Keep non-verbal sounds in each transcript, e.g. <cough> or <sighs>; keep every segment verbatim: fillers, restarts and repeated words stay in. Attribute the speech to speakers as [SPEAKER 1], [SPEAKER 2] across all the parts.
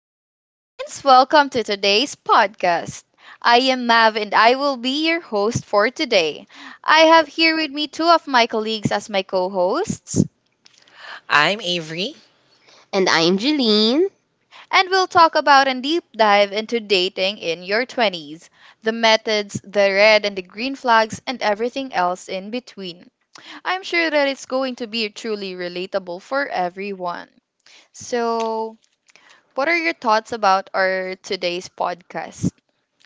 [SPEAKER 1] morning, Philippines. Welcome to today's podcast. I am Mav and I will be your host for today. I have here with me two of my colleagues as my co hosts,
[SPEAKER 2] I'm Avery.
[SPEAKER 3] And I'm Jeline.
[SPEAKER 1] and we'll talk about and deep dive into dating in your twenties, the methods, the red and the green flags, and everything else in between. I'm sure that it's going to be truly relatable for everyone. So, what are your thoughts about our today's podcast,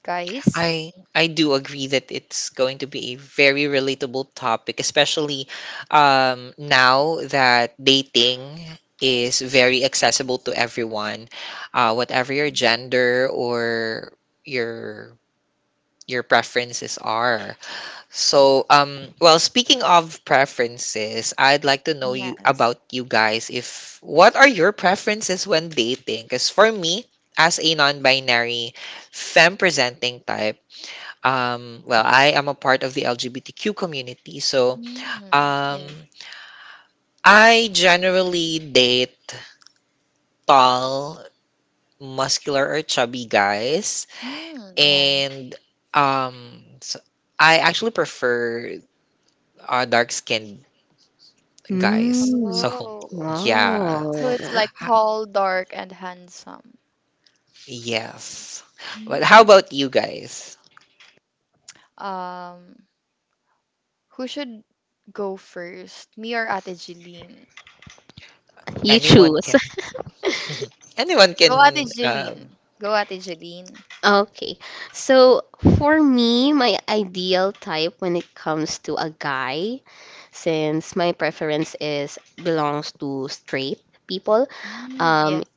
[SPEAKER 1] guys?
[SPEAKER 2] I I do agree that it's going to be a very relatable topic, especially um, now that dating is very accessible to everyone, uh, whatever your gender or your your preferences are. So, um, well, speaking of preferences, I'd like to know you
[SPEAKER 1] Yes.
[SPEAKER 2] about you guys. If What are your preferences when dating? Because for me, as a non-binary, femme-presenting type, um, well, I am a part of the L G B T Q community, so
[SPEAKER 1] Mm,
[SPEAKER 2] um,
[SPEAKER 1] yes.
[SPEAKER 2] I generally date tall, muscular, or chubby guys,
[SPEAKER 1] Mm, yes.
[SPEAKER 2] and um, so I actually prefer uh, dark-skinned guys.
[SPEAKER 3] Hmm.
[SPEAKER 2] So,
[SPEAKER 1] Oh,
[SPEAKER 2] <laughs> yeah.
[SPEAKER 1] so it's
[SPEAKER 3] Oh,
[SPEAKER 1] like
[SPEAKER 2] Ha-
[SPEAKER 1] tall, dark, and handsome.
[SPEAKER 2] Yes. But how
[SPEAKER 1] Mm.
[SPEAKER 2] about you guys?
[SPEAKER 1] Um, who should go first? Me or Ate Jeline?
[SPEAKER 3] you
[SPEAKER 2] Anyone
[SPEAKER 3] choose.
[SPEAKER 2] can
[SPEAKER 3] <laughs>
[SPEAKER 2] Anyone
[SPEAKER 1] Go Ate
[SPEAKER 2] can um
[SPEAKER 1] Jeline. Go Ate Jeline.
[SPEAKER 3] Okay. So for me, my ideal type when it comes to a guy, since my preference is belongs to straight people,
[SPEAKER 1] Mm,
[SPEAKER 3] um,
[SPEAKER 1] yes.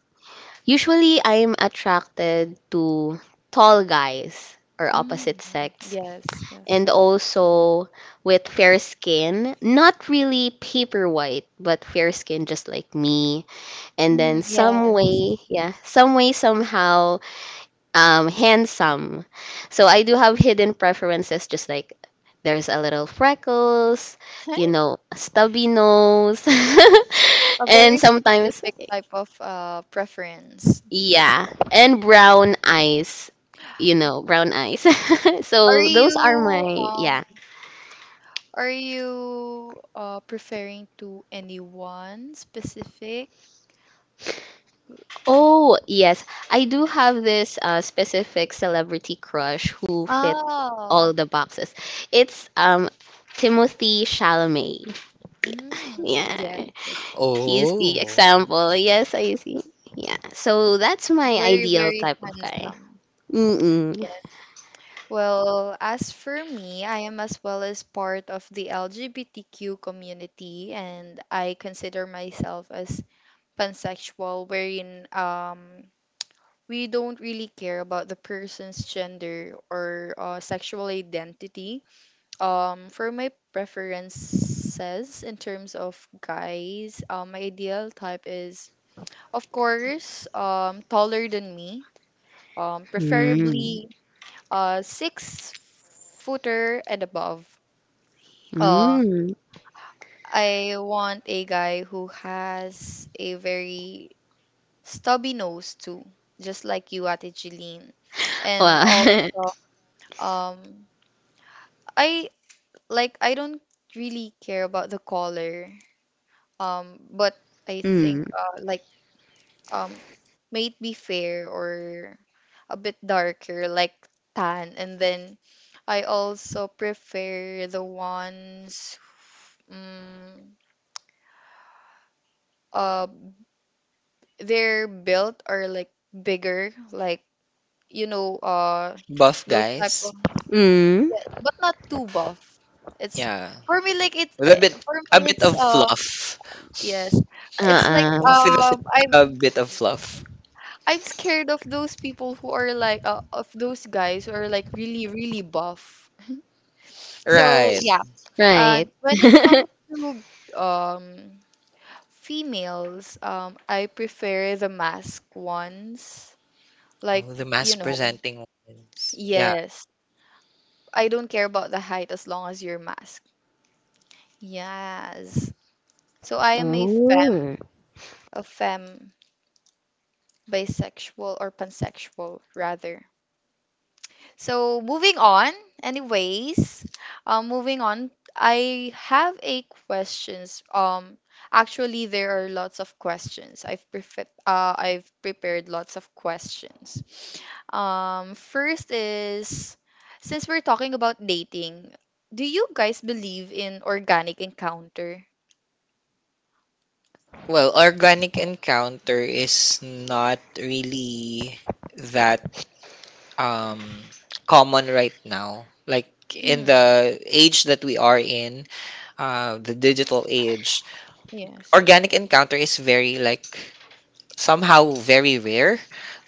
[SPEAKER 3] usually I'm attracted to tall guys or opposite
[SPEAKER 1] Mm,
[SPEAKER 3] sex
[SPEAKER 1] yes, yes.
[SPEAKER 3] and also with fair skin, not really paper white, but fair skin just like me. And
[SPEAKER 1] Mm,
[SPEAKER 3] then some
[SPEAKER 1] yes.
[SPEAKER 3] way, yeah, some way somehow um, handsome. So I do have hidden preferences, just like there's a little freckles, you
[SPEAKER 1] <laughs>
[SPEAKER 3] know, a stubby nose, <laughs>
[SPEAKER 1] A
[SPEAKER 3] and
[SPEAKER 1] very
[SPEAKER 3] sometimes,
[SPEAKER 1] specific type of uh preference.
[SPEAKER 3] yeah, and brown eyes. You know, brown eyes. <laughs>
[SPEAKER 1] Are
[SPEAKER 3] So those are
[SPEAKER 1] you
[SPEAKER 3] my, yeah.
[SPEAKER 1] um Are you uh, preferring to anyone specific?
[SPEAKER 3] Oh, yes. I do have this uh, specific celebrity crush who fit all
[SPEAKER 1] Oh,
[SPEAKER 3] the boxes. It's um Timothy Chalamet.
[SPEAKER 1] mm, yes,
[SPEAKER 3] Yeah.
[SPEAKER 1] yes.
[SPEAKER 3] He's the
[SPEAKER 2] oh,
[SPEAKER 3] example. Yes, I see. Yeah. So that's my
[SPEAKER 1] Very,
[SPEAKER 3] ideal
[SPEAKER 1] very
[SPEAKER 3] type of guy.
[SPEAKER 1] handsome.
[SPEAKER 3] Mm-mm.
[SPEAKER 1] Yes. Well, as for me, I am as well as part of the L G B T Q community, and I consider myself as pansexual, wherein um we don't really care about the person's gender or uh, sexual identity. Um, for my preferences in terms of guys, um, my ideal type is, of course, um, taller than me. Um,
[SPEAKER 3] Mm.
[SPEAKER 1] preferably, uh, six footer and above. Um,
[SPEAKER 3] Mm.
[SPEAKER 1] I want a guy who has a very stubby nose too, just like you, Ate Jeline. And
[SPEAKER 3] Well,
[SPEAKER 1] also,
[SPEAKER 3] <laughs>
[SPEAKER 1] um, I like I don't really care about the color, um but I think,
[SPEAKER 3] mm.
[SPEAKER 1] uh like um may it be fair or a bit darker, like tan. And then I also prefer the ones, um uh their are built are like bigger, like, you know uh
[SPEAKER 2] buff
[SPEAKER 1] those type
[SPEAKER 2] guys.
[SPEAKER 1] of,
[SPEAKER 3] Mm.
[SPEAKER 1] yeah, but not too buff. It's
[SPEAKER 2] Yeah.
[SPEAKER 1] for me like it's
[SPEAKER 2] With a
[SPEAKER 1] uh,
[SPEAKER 2] bit,
[SPEAKER 1] For
[SPEAKER 2] a
[SPEAKER 1] me,
[SPEAKER 2] bit
[SPEAKER 1] it's,
[SPEAKER 2] of
[SPEAKER 1] uh
[SPEAKER 2] fluff.
[SPEAKER 1] yes, it's like,
[SPEAKER 3] Uh-uh.
[SPEAKER 2] Buff with a
[SPEAKER 1] um
[SPEAKER 2] bit, a
[SPEAKER 1] i'm
[SPEAKER 2] bit of fluff.
[SPEAKER 1] I'm scared of those people who are like uh, of those guys who are like really, really buff. So
[SPEAKER 2] Right.
[SPEAKER 1] yeah.
[SPEAKER 3] Right.
[SPEAKER 1] And when it
[SPEAKER 3] <laughs>
[SPEAKER 1] comes to um females, um I prefer the mask ones. Like,
[SPEAKER 2] Oh, the mass
[SPEAKER 1] you know,
[SPEAKER 2] presenting ones. Yeah.
[SPEAKER 1] yes. I don't care about the height as long as you're mask. Yes. So I am a femme,
[SPEAKER 3] Oh.
[SPEAKER 1] a femme bisexual or pansexual rather. So moving on, anyways, uh, moving on, I have a questions. Um, actually, there are lots of questions. I've prefe- uh, I've prepared lots of questions. Um, first is, since we're talking about dating, do you guys believe in organic encounter?
[SPEAKER 2] Well, organic encounter is not really that um common right now, like in
[SPEAKER 1] Hmm.
[SPEAKER 2] the age that we are in, uh the digital age.
[SPEAKER 1] Yes. Yes.
[SPEAKER 2] Organic
[SPEAKER 1] Yes.
[SPEAKER 2] encounter is very like, somehow very rare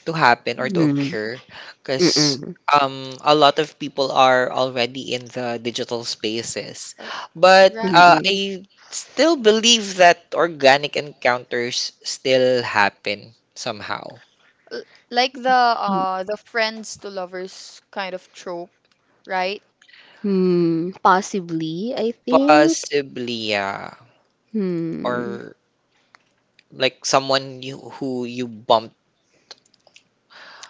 [SPEAKER 2] to happen or
[SPEAKER 1] Mm.
[SPEAKER 2] to
[SPEAKER 3] Mm.
[SPEAKER 2] occur because
[SPEAKER 3] Mm-mm.
[SPEAKER 2] um a lot of people are already in the digital spaces,
[SPEAKER 1] Uh,
[SPEAKER 2] but uh,
[SPEAKER 1] Right.
[SPEAKER 3] Mm-mm.
[SPEAKER 2] i still believe that organic encounters still happen somehow.
[SPEAKER 1] L- Like the, uh the friends to lovers kind of trope, right?
[SPEAKER 3] Hmm. Possibly, I think.
[SPEAKER 2] Possibly, yeah.
[SPEAKER 3] Hmm.
[SPEAKER 2] Or like someone you who you bumped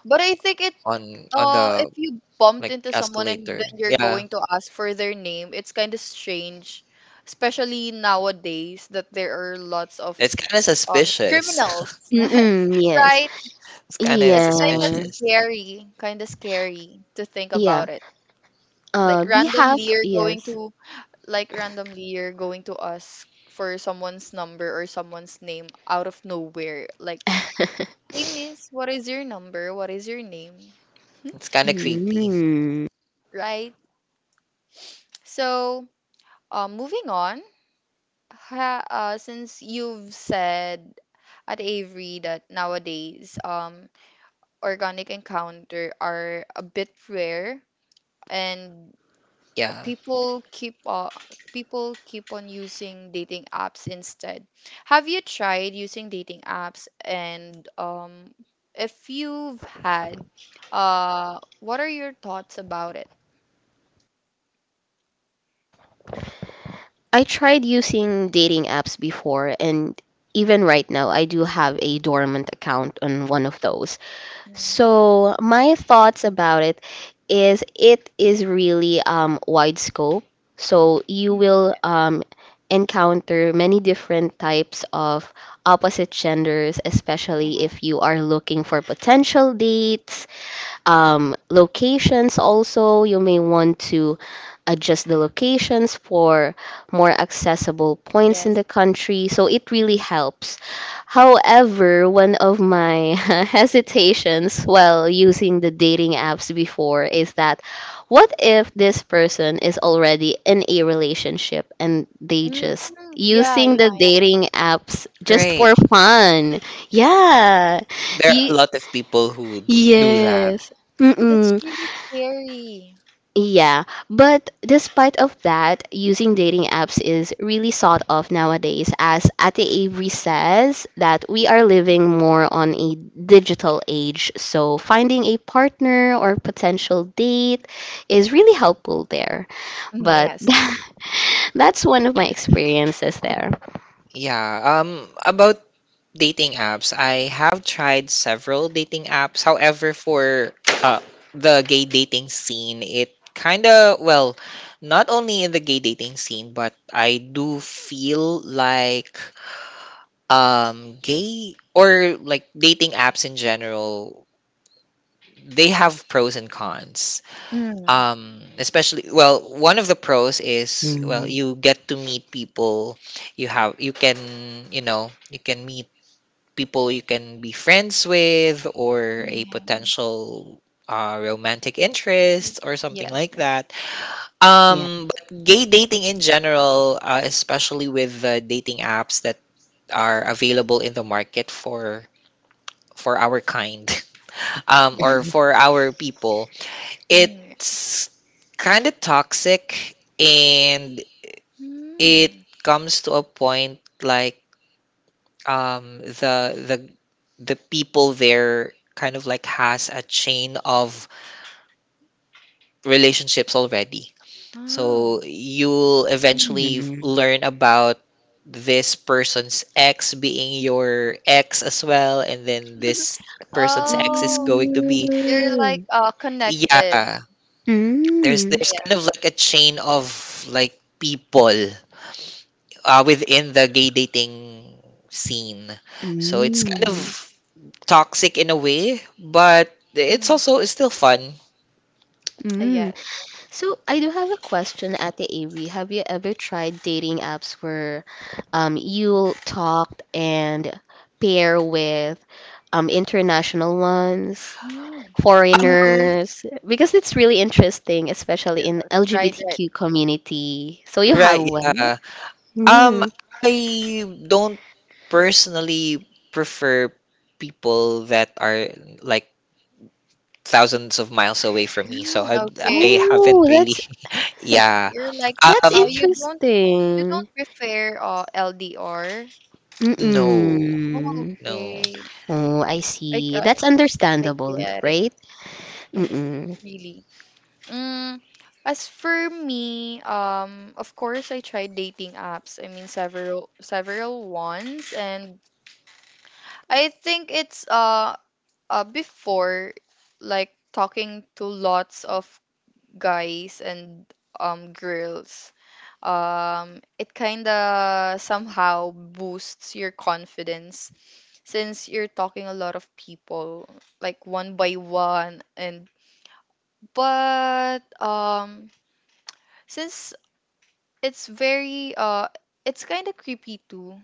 [SPEAKER 1] But I think it
[SPEAKER 2] on on
[SPEAKER 1] uh
[SPEAKER 2] the
[SPEAKER 1] If you bumped
[SPEAKER 2] like
[SPEAKER 1] into someone and
[SPEAKER 2] escalator.
[SPEAKER 1] then you're
[SPEAKER 2] Yeah.
[SPEAKER 1] going to ask for their name, it's kind of strange, especially nowadays that there are lots of
[SPEAKER 2] It's kind of
[SPEAKER 1] um criminals,
[SPEAKER 2] suspicious. <laughs>
[SPEAKER 1] <laughs>
[SPEAKER 3] Mm-mm. Yes.
[SPEAKER 1] right?
[SPEAKER 2] It's kind of
[SPEAKER 1] It's kind of
[SPEAKER 3] Yeah.
[SPEAKER 2] suspicious.
[SPEAKER 1] scary, kind of scary to think
[SPEAKER 3] Yeah.
[SPEAKER 1] about it.
[SPEAKER 3] Uh,
[SPEAKER 1] Like
[SPEAKER 3] behalf.
[SPEAKER 1] randomly you're going
[SPEAKER 3] Yes.
[SPEAKER 1] to like randomly you're going to ask for someone's number or someone's name out of nowhere. Like,
[SPEAKER 3] <laughs>
[SPEAKER 1] hey miss, what is your number? What is your name?
[SPEAKER 2] It's kind of creepy.
[SPEAKER 3] Hmm.
[SPEAKER 1] Right? So, Uh, moving on, ha, uh, since you've said at Avery that nowadays, um, organic encounter are a bit rare and
[SPEAKER 2] Yeah.
[SPEAKER 1] people keep uh, people keep on using dating apps instead. Have you tried using dating apps? And um, if you've had, uh, what are your thoughts about it?
[SPEAKER 3] I tried using dating apps before, and even right now, I do have a dormant account on one of those.
[SPEAKER 1] Mm,
[SPEAKER 3] So, my thoughts about it is it is really um, wide scope. So, you
[SPEAKER 1] mm,
[SPEAKER 3] will um, encounter many different types of opposite genders, especially
[SPEAKER 1] yeah.
[SPEAKER 3] if you are looking for potential dates. Um, locations also you may want to adjust the locations for more accessible points in
[SPEAKER 1] Yes,
[SPEAKER 3] the
[SPEAKER 1] yes.
[SPEAKER 3] country, so it really helps. However, one of my <laughs> hesitations while using the dating apps before is that what if this person is already in a relationship and they
[SPEAKER 1] Mm,
[SPEAKER 3] just
[SPEAKER 1] yeah.
[SPEAKER 3] using the dating apps just
[SPEAKER 2] Right.
[SPEAKER 3] for fun. Yeah,
[SPEAKER 2] There are a
[SPEAKER 3] the
[SPEAKER 2] lot of people who do that.
[SPEAKER 3] yes.
[SPEAKER 1] That's
[SPEAKER 3] Mm-mm.
[SPEAKER 1] really scary.
[SPEAKER 3] Yeah, but despite of that, using dating apps is really sought of nowadays. As Ate Avery says, that we are living more on a digital age, so finding a partner or potential date is really helpful there.
[SPEAKER 1] Mm,
[SPEAKER 3] But
[SPEAKER 1] yes, yes.
[SPEAKER 3] <laughs> that's one of my experiences there.
[SPEAKER 2] Yeah. Um about dating apps, I have tried several dating apps. However, for uh the gay dating scene, it kind of, well, not only in the gay dating scene, but I do feel like um gay or like dating apps in general, they have pros and cons.
[SPEAKER 1] Mm.
[SPEAKER 2] Um especially, well, one of the pros is, well,
[SPEAKER 3] Mm.
[SPEAKER 2] you get to meet people. you have you can you know, you can meet people you can be friends with, or a
[SPEAKER 1] Yes.
[SPEAKER 2] potential uh, romantic
[SPEAKER 1] Mm,
[SPEAKER 2] interest or something
[SPEAKER 1] yes,
[SPEAKER 2] like
[SPEAKER 1] yes.
[SPEAKER 2] that.
[SPEAKER 3] Yeah.
[SPEAKER 2] Um but gay dating in general, uh, especially with the dating apps that are available in the market for for our kind, <laughs> um, or
[SPEAKER 1] <laughs>
[SPEAKER 2] for our people.
[SPEAKER 1] Mm, yes.
[SPEAKER 2] It's kind of toxic and it
[SPEAKER 1] Hmm.
[SPEAKER 2] comes to a point like, um, the the the people there kind of like has a chain of relationships already. So
[SPEAKER 1] Oh.
[SPEAKER 2] you'll eventually learn about this person's ex being your ex as well, and then this person's ex is
[SPEAKER 1] Oh,
[SPEAKER 2] going to be,
[SPEAKER 1] you're like
[SPEAKER 3] Mm.
[SPEAKER 1] uh connected.
[SPEAKER 2] yeah, there's there's
[SPEAKER 1] Yes,
[SPEAKER 2] kind of
[SPEAKER 1] yes.
[SPEAKER 2] like a chain of
[SPEAKER 3] Mm.
[SPEAKER 2] like people uh, within the gay dating scene. So it's kind of
[SPEAKER 3] Mm.
[SPEAKER 2] toxic in a way, but it's
[SPEAKER 1] Mm.
[SPEAKER 2] also, it's still fun.
[SPEAKER 1] uh, Yes.
[SPEAKER 3] Mm. So I do have a question, Ate Avery. Have you ever tried dating apps where um you talked and pair with um international ones,
[SPEAKER 1] Mm.
[SPEAKER 2] Um,
[SPEAKER 3] foreigners? Because it's really interesting, especially
[SPEAKER 1] You're,
[SPEAKER 3] in
[SPEAKER 1] uh, right, right.
[SPEAKER 3] L G B T Q community. So you have
[SPEAKER 2] right,
[SPEAKER 3] one?
[SPEAKER 2] yeah. Um,
[SPEAKER 3] Mm.
[SPEAKER 2] I don't personally prefer people that are like thousands of miles away from me, so
[SPEAKER 1] Mm,
[SPEAKER 2] I I
[SPEAKER 1] okay.
[SPEAKER 2] haven't
[SPEAKER 3] Oh,
[SPEAKER 2] really,
[SPEAKER 3] that's
[SPEAKER 2] <laughs> yeah.
[SPEAKER 1] You're like
[SPEAKER 3] <laughs> that's
[SPEAKER 1] oh
[SPEAKER 2] Um,
[SPEAKER 1] You don't, you don't
[SPEAKER 3] interesting.
[SPEAKER 1] prefer uh L D R.
[SPEAKER 2] no,
[SPEAKER 3] Mm-mm.
[SPEAKER 2] no.
[SPEAKER 1] Okay.
[SPEAKER 3] Oh, I
[SPEAKER 1] I
[SPEAKER 3] see.
[SPEAKER 1] got
[SPEAKER 3] That's
[SPEAKER 1] I
[SPEAKER 3] understandable,
[SPEAKER 1] get it.
[SPEAKER 3] right?
[SPEAKER 1] That's-
[SPEAKER 3] Mm-mm.
[SPEAKER 1] Really. Mm, as for me, um, of course I tried dating apps. I mean, several several ones. And I think it's, uh, uh before, like, talking to lots of guys and um girls. Um it kind of somehow boosts your confidence, since you're talking a lot of people like one by one. And but um since it's very uh it's kind of creepy too,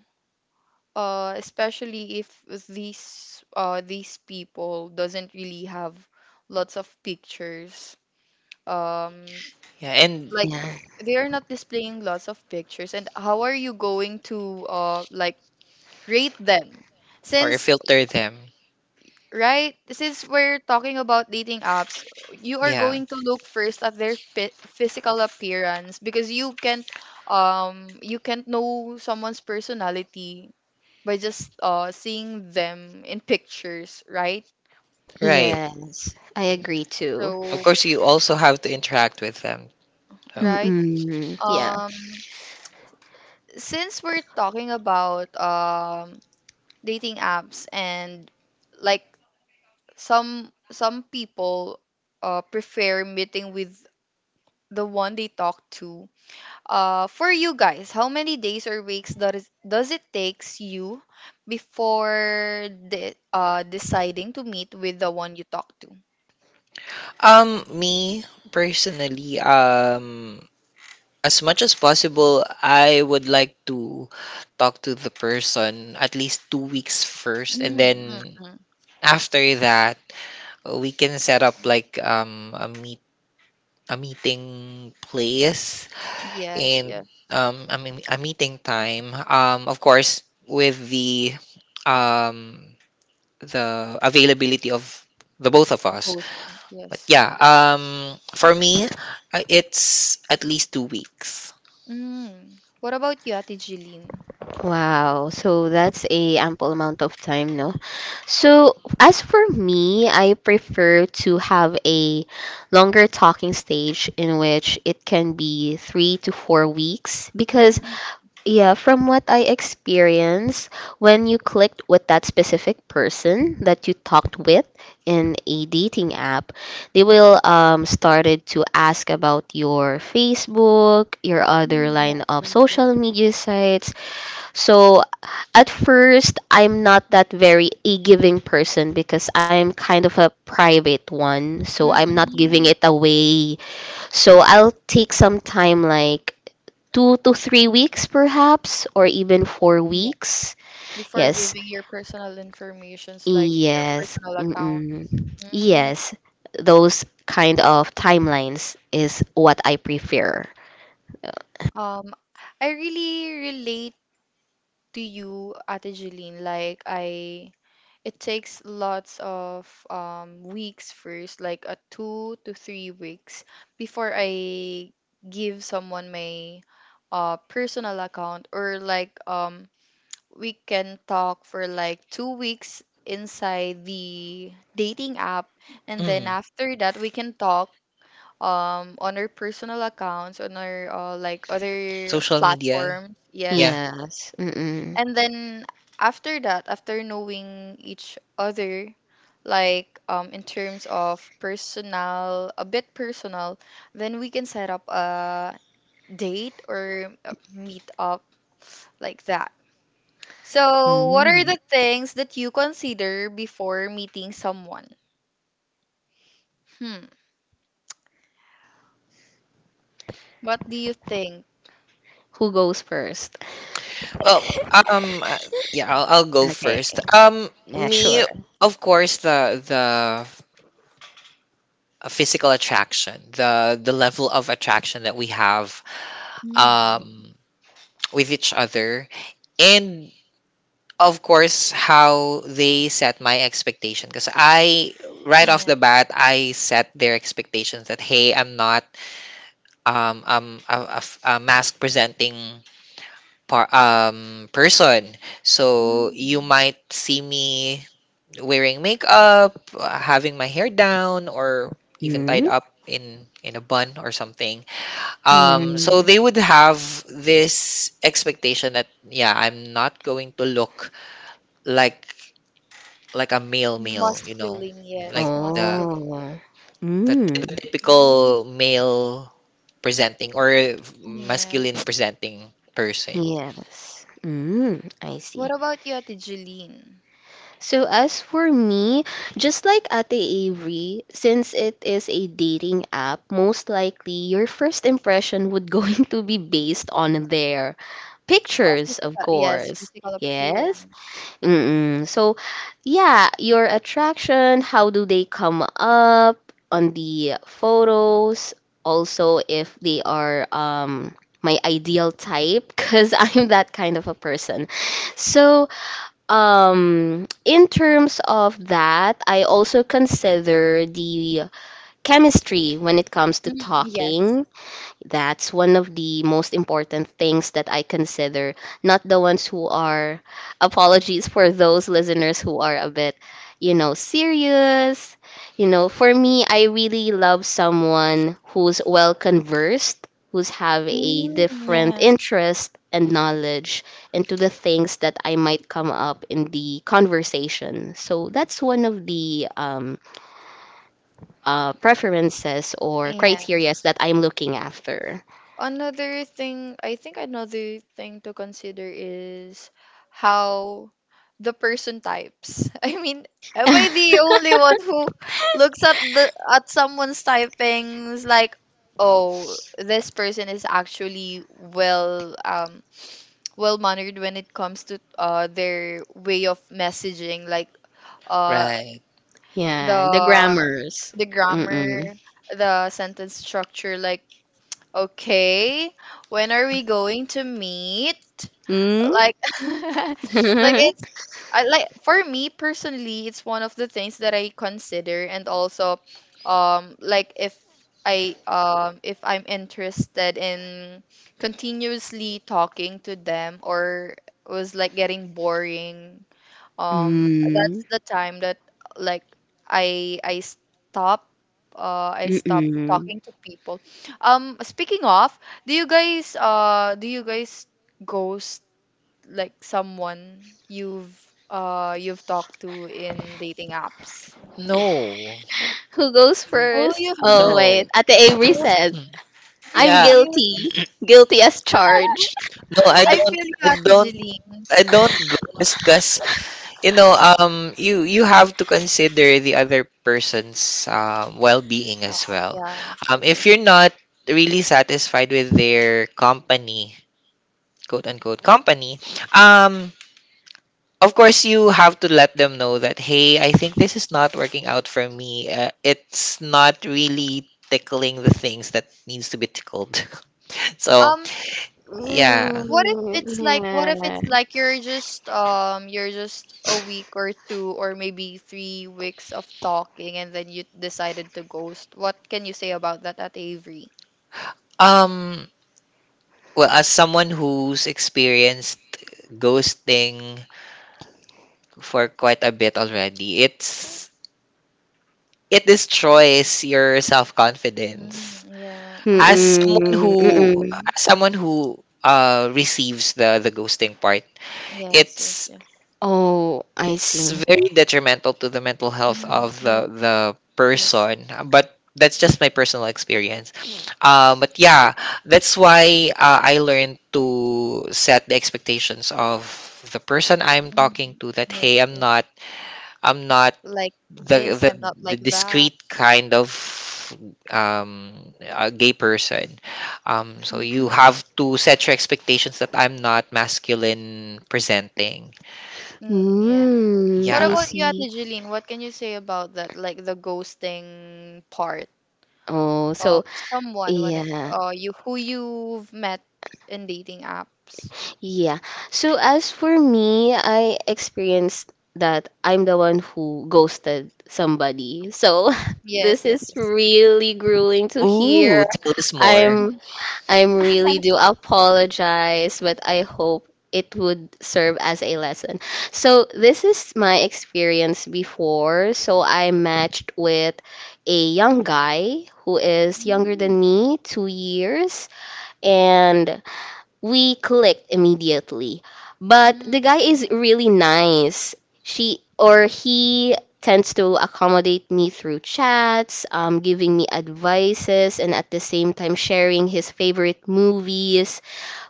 [SPEAKER 1] uh especially if these uh these people doesn't really have lots of pictures, um
[SPEAKER 2] Yeah, and
[SPEAKER 1] like
[SPEAKER 3] Yeah.
[SPEAKER 1] they are not displaying lots of pictures. And how are you going to, uh like, rate them
[SPEAKER 2] or
[SPEAKER 1] since,
[SPEAKER 2] filter them.
[SPEAKER 1] right? Since we're talking about dating apps, you are
[SPEAKER 2] Yeah,
[SPEAKER 1] going to look first at their phy- physical appearance, because you can't, um you can't know someone's personality by just uh seeing them in pictures, right?
[SPEAKER 2] right.
[SPEAKER 3] Yes, I agree too.
[SPEAKER 2] Of
[SPEAKER 1] So,
[SPEAKER 2] course, you also have to interact with them. So,
[SPEAKER 1] right?
[SPEAKER 3] Mm-mm. Yeah.
[SPEAKER 1] Um since we're talking about um dating apps and, like, some some people uh prefer meeting with the one they talk to. Uh, for you guys, how many days or weeks does does it takes you before the, uh deciding to meet with the one you talk to?
[SPEAKER 2] um, me personally, um, as much as possible, I would like to talk to the person at least two weeks first, and
[SPEAKER 1] Mm, mm,
[SPEAKER 2] then
[SPEAKER 1] mm.
[SPEAKER 2] after that, we can set up like um a meet, a meeting place
[SPEAKER 1] Yes,
[SPEAKER 2] and
[SPEAKER 1] yes.
[SPEAKER 2] um I mean a meeting time. Um, of course, with the um the availability of the both of us.
[SPEAKER 1] Both.
[SPEAKER 2] But
[SPEAKER 1] Yes.
[SPEAKER 2] yeah, um, for me, uh, it's at least two weeks.
[SPEAKER 1] Mm. What about you, Ate Jeline?
[SPEAKER 3] Wow. So that's a ample amount of time, no? So as for me, I prefer to have a longer talking stage in which it can be three to four weeks because
[SPEAKER 1] Mm,
[SPEAKER 3] yeah, from what I experienced, when you clicked with that specific person that you talked with in a dating app, they will um started to ask about your Facebook, your other
[SPEAKER 1] mm,
[SPEAKER 3] line
[SPEAKER 1] yes,
[SPEAKER 3] of
[SPEAKER 1] yes, yes.
[SPEAKER 3] social media sites. So at first, I'm not that very a giving person because I'm kind of a private one, so
[SPEAKER 1] Mm,
[SPEAKER 3] I'm not giving
[SPEAKER 1] mm,
[SPEAKER 3] it away, so I'll take some time, like two to three weeks, perhaps, or even four
[SPEAKER 1] yeah.
[SPEAKER 3] weeks.
[SPEAKER 1] Before
[SPEAKER 3] Yes,
[SPEAKER 1] giving your personal informations like your
[SPEAKER 3] yes,
[SPEAKER 1] personal
[SPEAKER 3] mm-mm,
[SPEAKER 1] accounts. Mm.
[SPEAKER 3] yes. Those kind of timelines is what I prefer.
[SPEAKER 1] Um, I really relate to you, Ate Jeline. Like I, it takes lots of um weeks first, like a two to three weeks, before I give someone my uh personal account. Or, like, um we can talk for like two weeks inside the dating app, and then
[SPEAKER 2] Mm,
[SPEAKER 1] after that we can talk um on our personal accounts, on our, uh, like, other
[SPEAKER 2] social media,
[SPEAKER 1] platforms,
[SPEAKER 2] yeah.
[SPEAKER 1] yes.
[SPEAKER 3] Yes. Mm-mm.
[SPEAKER 1] And then after that, after knowing each other, like, um in terms of personal, a bit personal, then we can set up a date or a meet up, like that. So what are
[SPEAKER 3] Mm.
[SPEAKER 1] the things that you consider before meeting someone? Hmm, what do you think?
[SPEAKER 3] Who goes first?
[SPEAKER 2] Well, um, uh, yeah, I'll, I'll go
[SPEAKER 3] Okay.
[SPEAKER 2] first. Um,
[SPEAKER 3] Yeah,
[SPEAKER 2] me,
[SPEAKER 3] sure.
[SPEAKER 2] of course, the the uh, physical attraction, the the level of attraction that we have,
[SPEAKER 1] Mm,
[SPEAKER 2] um, with each other, and of course, how they set my expectation. Because I, right off
[SPEAKER 1] yeah.
[SPEAKER 2] the bat, I set their expectations that, hey, I'm not um, um, a, a f- a mask presenting par- um, person. So
[SPEAKER 1] Mm,
[SPEAKER 2] you might
[SPEAKER 1] yes.
[SPEAKER 2] see me wearing makeup, uh, having my hair down, or even tied
[SPEAKER 3] 음.
[SPEAKER 2] up in in a bun or something, um
[SPEAKER 3] 음.
[SPEAKER 2] so they would have this expectation that, yeah, I'm not going to look like like a male, male, you know,
[SPEAKER 1] Masculine, yes,
[SPEAKER 2] like the
[SPEAKER 1] masculine.
[SPEAKER 3] Oh.
[SPEAKER 2] the, the
[SPEAKER 3] Mm.
[SPEAKER 1] Mm,
[SPEAKER 2] typical male presenting or
[SPEAKER 1] yes.
[SPEAKER 2] masculine presenting person,
[SPEAKER 3] Yes. Mm, I
[SPEAKER 1] What
[SPEAKER 3] see.
[SPEAKER 1] about you at Jeline?
[SPEAKER 3] So as for me, just like Ate Avery, since it is a dating app, most likely your first impression would <laughs> going to be based on their
[SPEAKER 1] Or
[SPEAKER 3] pictures, of
[SPEAKER 1] physical, yes,
[SPEAKER 3] course.
[SPEAKER 1] physical
[SPEAKER 3] Yes.
[SPEAKER 1] appearance.
[SPEAKER 3] Mm-mm. So, yeah, your attraction, how do they come up on the photos? Also, if they are um, my ideal type, because <laughs> I'm that kind of a person. So, um, in terms of that, I also consider the chemistry when it comes to
[SPEAKER 1] Mm, yes.
[SPEAKER 3] talking. That's one of the most important things that I consider. Not the ones who are, apologies for those listeners who are a bit, you know, serious. You know, for me, I really love someone who's well conversed, who's have a
[SPEAKER 1] Mm,
[SPEAKER 3] different
[SPEAKER 1] yes,
[SPEAKER 3] interest and knowledge into the things that I might come up in the conversation. So that's one of the um, uh, preferences or criterias
[SPEAKER 1] yes.
[SPEAKER 3] that I'm looking after.
[SPEAKER 1] Another thing, I think, another thing to consider is how the person types. <laughs> I mean, am I the only one who looks at the at someone's typings, like, oh, this person is actually well um well mannered when it comes to uh their way of messaging. Like, uh
[SPEAKER 2] right?
[SPEAKER 3] Yeah, the
[SPEAKER 1] the
[SPEAKER 3] grammars.
[SPEAKER 1] the
[SPEAKER 3] Mm-mm.
[SPEAKER 1] grammar, the sentence structure, like, okay, when are we going to meet?
[SPEAKER 3] Mm?
[SPEAKER 1] Like <laughs> like, it's
[SPEAKER 3] <laughs>
[SPEAKER 1] I like for me personally, it's one of the things that I consider. And also, um like, if I um if I'm interested in continuously talking to them, or was like getting boring, um that's
[SPEAKER 3] Mm.
[SPEAKER 1] the time that, like, i i stop uh i stop
[SPEAKER 3] Mm-mm.
[SPEAKER 1] talking to people. Um speaking of, do you guys, uh do you guys ghost, like, someone you've, uh you've talked to in dating apps?
[SPEAKER 2] No,
[SPEAKER 3] Who goes
[SPEAKER 1] Oh,
[SPEAKER 3] first?
[SPEAKER 1] you?
[SPEAKER 3] Oh,
[SPEAKER 2] no.
[SPEAKER 3] wait. Ate
[SPEAKER 1] <laughs>
[SPEAKER 3] Avery
[SPEAKER 1] Oh,
[SPEAKER 3] said,
[SPEAKER 2] Mm.
[SPEAKER 3] I'm
[SPEAKER 2] Yeah,
[SPEAKER 1] really?
[SPEAKER 3] guilty. Guilty as charged. <laughs>
[SPEAKER 2] no, I
[SPEAKER 1] I
[SPEAKER 2] don't,
[SPEAKER 1] feel you,
[SPEAKER 2] I
[SPEAKER 1] Ate
[SPEAKER 2] don't,
[SPEAKER 1] Jeline.
[SPEAKER 2] I don't go because, you know, um, you, you have to consider the other person's um well-being
[SPEAKER 1] uh,
[SPEAKER 2] as well.
[SPEAKER 1] yeah, yes,
[SPEAKER 2] Um,
[SPEAKER 1] yes,
[SPEAKER 2] if
[SPEAKER 1] yes.
[SPEAKER 2] you're not really satisfied with their company, quote unquote company, um of course you have to let them know that, hey, I think this is not working out for me. Uh, it's not really tickling the things that needs to be tickled. <laughs> So
[SPEAKER 1] um
[SPEAKER 2] yeah.
[SPEAKER 1] what if
[SPEAKER 3] Mm,
[SPEAKER 1] it's like, what if
[SPEAKER 3] yeah.
[SPEAKER 1] it's like you're just, um you're just a week or two or maybe three weeks of talking, and then you decided to ghost? What can you say about that at avery?
[SPEAKER 2] um well as someone who's experienced ghosting for quite a bit already it's it destroys your self-confidence
[SPEAKER 1] Mm, yeah.
[SPEAKER 2] as
[SPEAKER 1] Oh, okay.
[SPEAKER 2] someone
[SPEAKER 3] Mm-mm.
[SPEAKER 2] who
[SPEAKER 3] Mm-mm.
[SPEAKER 2] as someone who uh receives the the ghosting part
[SPEAKER 1] Yes, yes,
[SPEAKER 2] it's
[SPEAKER 1] yes.
[SPEAKER 3] Oh, I
[SPEAKER 2] it's
[SPEAKER 3] see.
[SPEAKER 2] very detrimental to the mental health
[SPEAKER 1] Mm,
[SPEAKER 2] of
[SPEAKER 1] yes,
[SPEAKER 2] the the
[SPEAKER 1] yes.
[SPEAKER 2] person but that's just my personal experience um but yeah, that's why, uh, I learned to set the expectations of the person I'm
[SPEAKER 1] Mm,
[SPEAKER 2] talking to, that hey,
[SPEAKER 1] yes,
[SPEAKER 2] i'm
[SPEAKER 1] yes.
[SPEAKER 2] not I'm not
[SPEAKER 1] Like,
[SPEAKER 2] the
[SPEAKER 1] this,
[SPEAKER 2] the,
[SPEAKER 1] I'm not
[SPEAKER 2] the
[SPEAKER 1] like that.
[SPEAKER 2] discreet kind of um a gay person. Um so you
[SPEAKER 1] Mm,
[SPEAKER 2] have
[SPEAKER 1] yes.
[SPEAKER 2] to set your expectations that I'm not masculine presenting,
[SPEAKER 1] Mm, yeah.
[SPEAKER 3] Mm,
[SPEAKER 1] What
[SPEAKER 3] I
[SPEAKER 2] yeah.
[SPEAKER 1] about you,
[SPEAKER 3] see.
[SPEAKER 1] Ate Jeline? What can you say about that, like, the ghosting part
[SPEAKER 3] Oh,
[SPEAKER 1] of
[SPEAKER 3] so
[SPEAKER 1] someone when it-
[SPEAKER 3] yeah,
[SPEAKER 1] uh, you, who you've met in dating apps.
[SPEAKER 3] yeah. So as for me, I experienced that I'm the one who ghosted somebody. So <laughs>
[SPEAKER 1] Yes,
[SPEAKER 3] this
[SPEAKER 1] yes,
[SPEAKER 3] is
[SPEAKER 1] yes.
[SPEAKER 3] really grueling to hear.
[SPEAKER 2] Ooh, tell us more.
[SPEAKER 3] I'm
[SPEAKER 1] <laughs>
[SPEAKER 3] I'm really do apologize, but I hope it would serve as a lesson. So this is my experience before. So I matched with a young guy who is younger
[SPEAKER 1] Mm,
[SPEAKER 3] than me, two years, and we clicked immediately. But
[SPEAKER 1] mm,
[SPEAKER 3] the guy is
[SPEAKER 1] yeah.
[SPEAKER 3] really nice. She or he tends to accommodate me through chats, um, giving me advices, and at the same time sharing his favorite movies.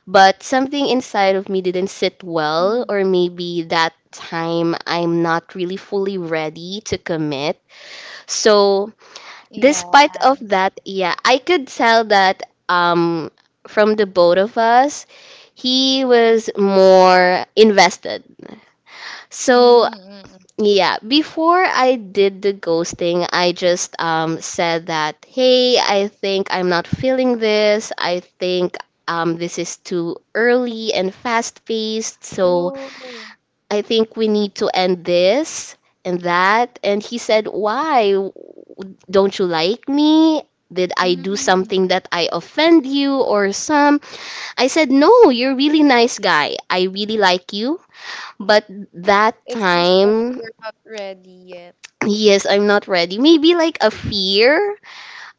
[SPEAKER 3] But something inside of me didn't sit well, or
[SPEAKER 1] Mm,
[SPEAKER 3] maybe that time I'm not really fully ready to commit. So despite of
[SPEAKER 1] yes.
[SPEAKER 3] that, yeah, I could tell that um from the both of us, he was more invested. So
[SPEAKER 1] Mm, mm, mm.
[SPEAKER 3] yeah, before I did the ghosting, I just um said that, "Hey, I think I'm not feeling this. I think um this is too early and fast-paced, so
[SPEAKER 1] Oh,
[SPEAKER 3] I think we need to end this and that." And he said, "Why? Don't you like me? Did I do
[SPEAKER 1] mm.
[SPEAKER 3] something that I offend you or some?" I said, "No, you're a really nice guy. I really like you. But that
[SPEAKER 1] It's just that
[SPEAKER 3] time,
[SPEAKER 1] you're not ready yet.
[SPEAKER 3] yes, I'm not ready. Maybe like a fear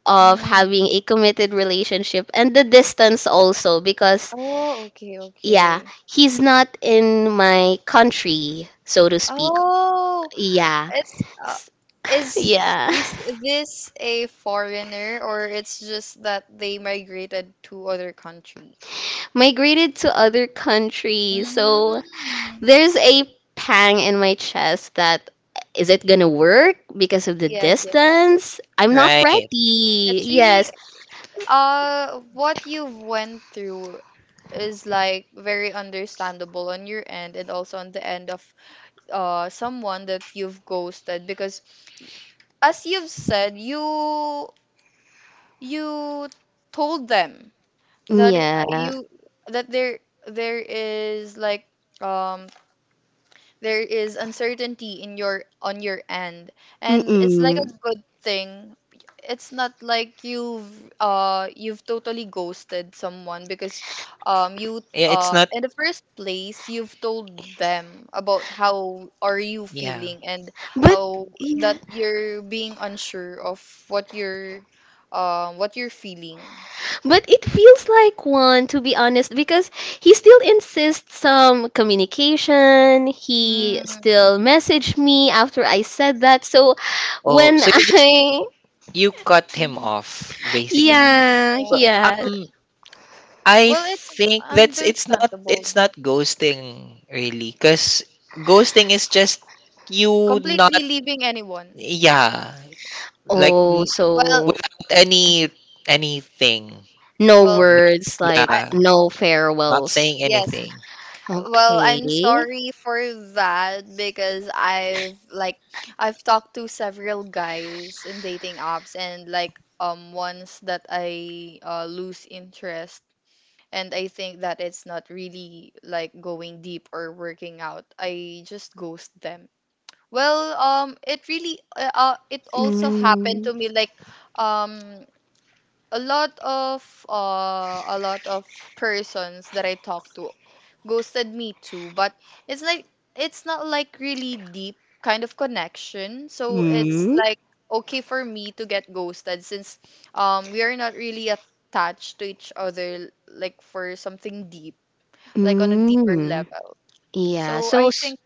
[SPEAKER 3] of having
[SPEAKER 1] Mm.
[SPEAKER 3] a committed relationship and the distance also because,
[SPEAKER 1] Oh, okay,
[SPEAKER 3] yeah,
[SPEAKER 1] okay.
[SPEAKER 3] he's not in my country, so to speak."
[SPEAKER 1] Oh,
[SPEAKER 3] Yeah.
[SPEAKER 1] it's uh,
[SPEAKER 3] <sighs>
[SPEAKER 1] is
[SPEAKER 3] yeah,
[SPEAKER 1] he- is this a foreigner, or it's just that they migrated to other country?
[SPEAKER 3] <laughs> migrated to other countries. So
[SPEAKER 1] Mm.
[SPEAKER 3] there's a pang in my chest that is it gonna work because of the
[SPEAKER 1] Yes, yes, yes.
[SPEAKER 3] distance? I'm not
[SPEAKER 2] Right.
[SPEAKER 3] ready.
[SPEAKER 1] It's really,
[SPEAKER 3] Yes.
[SPEAKER 1] uh what you've went through is like very understandable on your end, and also on the end of uh someone that you've ghosted. Because as you've said, you you told them that it, uh,
[SPEAKER 3] Yeah.
[SPEAKER 1] you that there there is like, um. there is uncertainty in your on your end. And it's like
[SPEAKER 3] Mm-mm.
[SPEAKER 1] a good thing, it's not like you've, uh you've totally ghosted someone, because um you,
[SPEAKER 2] Yeah, it's
[SPEAKER 1] uh
[SPEAKER 2] not
[SPEAKER 1] in the first place, you've told them about how are you
[SPEAKER 2] Yeah.
[SPEAKER 1] feeling, and
[SPEAKER 3] But
[SPEAKER 1] how that
[SPEAKER 3] yeah,
[SPEAKER 1] you're being unsure of what you're, um what you're feeling.
[SPEAKER 3] but it feels like one to be honest because he still insists some communication. He still
[SPEAKER 1] Mm,
[SPEAKER 3] messaged me after I said that. So
[SPEAKER 2] Oh,
[SPEAKER 3] when <laughs>
[SPEAKER 2] so you just,
[SPEAKER 3] I
[SPEAKER 2] you cut him
[SPEAKER 1] mm,
[SPEAKER 2] off basically.
[SPEAKER 1] mm,
[SPEAKER 3] Yeah,
[SPEAKER 2] Well,
[SPEAKER 1] yeah.
[SPEAKER 3] yeah.
[SPEAKER 2] um I
[SPEAKER 1] Well, it's
[SPEAKER 2] think that's it's not, it's
[SPEAKER 1] understandable,
[SPEAKER 2] not ghosting really, cuz ghosting is just you not,
[SPEAKER 1] completely leaving anyone.
[SPEAKER 2] yeah, like
[SPEAKER 3] Oh,
[SPEAKER 2] n-
[SPEAKER 1] Well,
[SPEAKER 3] so
[SPEAKER 2] without any anything.
[SPEAKER 3] no
[SPEAKER 1] well,
[SPEAKER 2] Not,
[SPEAKER 3] words, like
[SPEAKER 1] I
[SPEAKER 2] Yeah,
[SPEAKER 3] no
[SPEAKER 2] not
[SPEAKER 3] farewells.
[SPEAKER 2] saying
[SPEAKER 1] yes.
[SPEAKER 2] anything.
[SPEAKER 1] Well, I'm
[SPEAKER 3] Okay.
[SPEAKER 1] sorry for that, because I've like I've talked to several guys in dating apps, and, like, um once that I, uh, lose interest, and I think that it's not really like going deep or working out, I just ghost them. Well, um, it really uh, uh, it also happened
[SPEAKER 3] Mm.
[SPEAKER 1] to me, like, um a lot of uh a lot of persons that I talked to ghosted me too. But it's like it's not like really deep kind of connection. So it's
[SPEAKER 3] Mm.
[SPEAKER 1] like okay for me to get ghosted, since um we are not really attached to each other like for something deep, like on a deeper
[SPEAKER 3] Mm.
[SPEAKER 1] level.
[SPEAKER 3] Yeah,
[SPEAKER 1] So
[SPEAKER 3] so
[SPEAKER 1] I
[SPEAKER 3] s-
[SPEAKER 1] think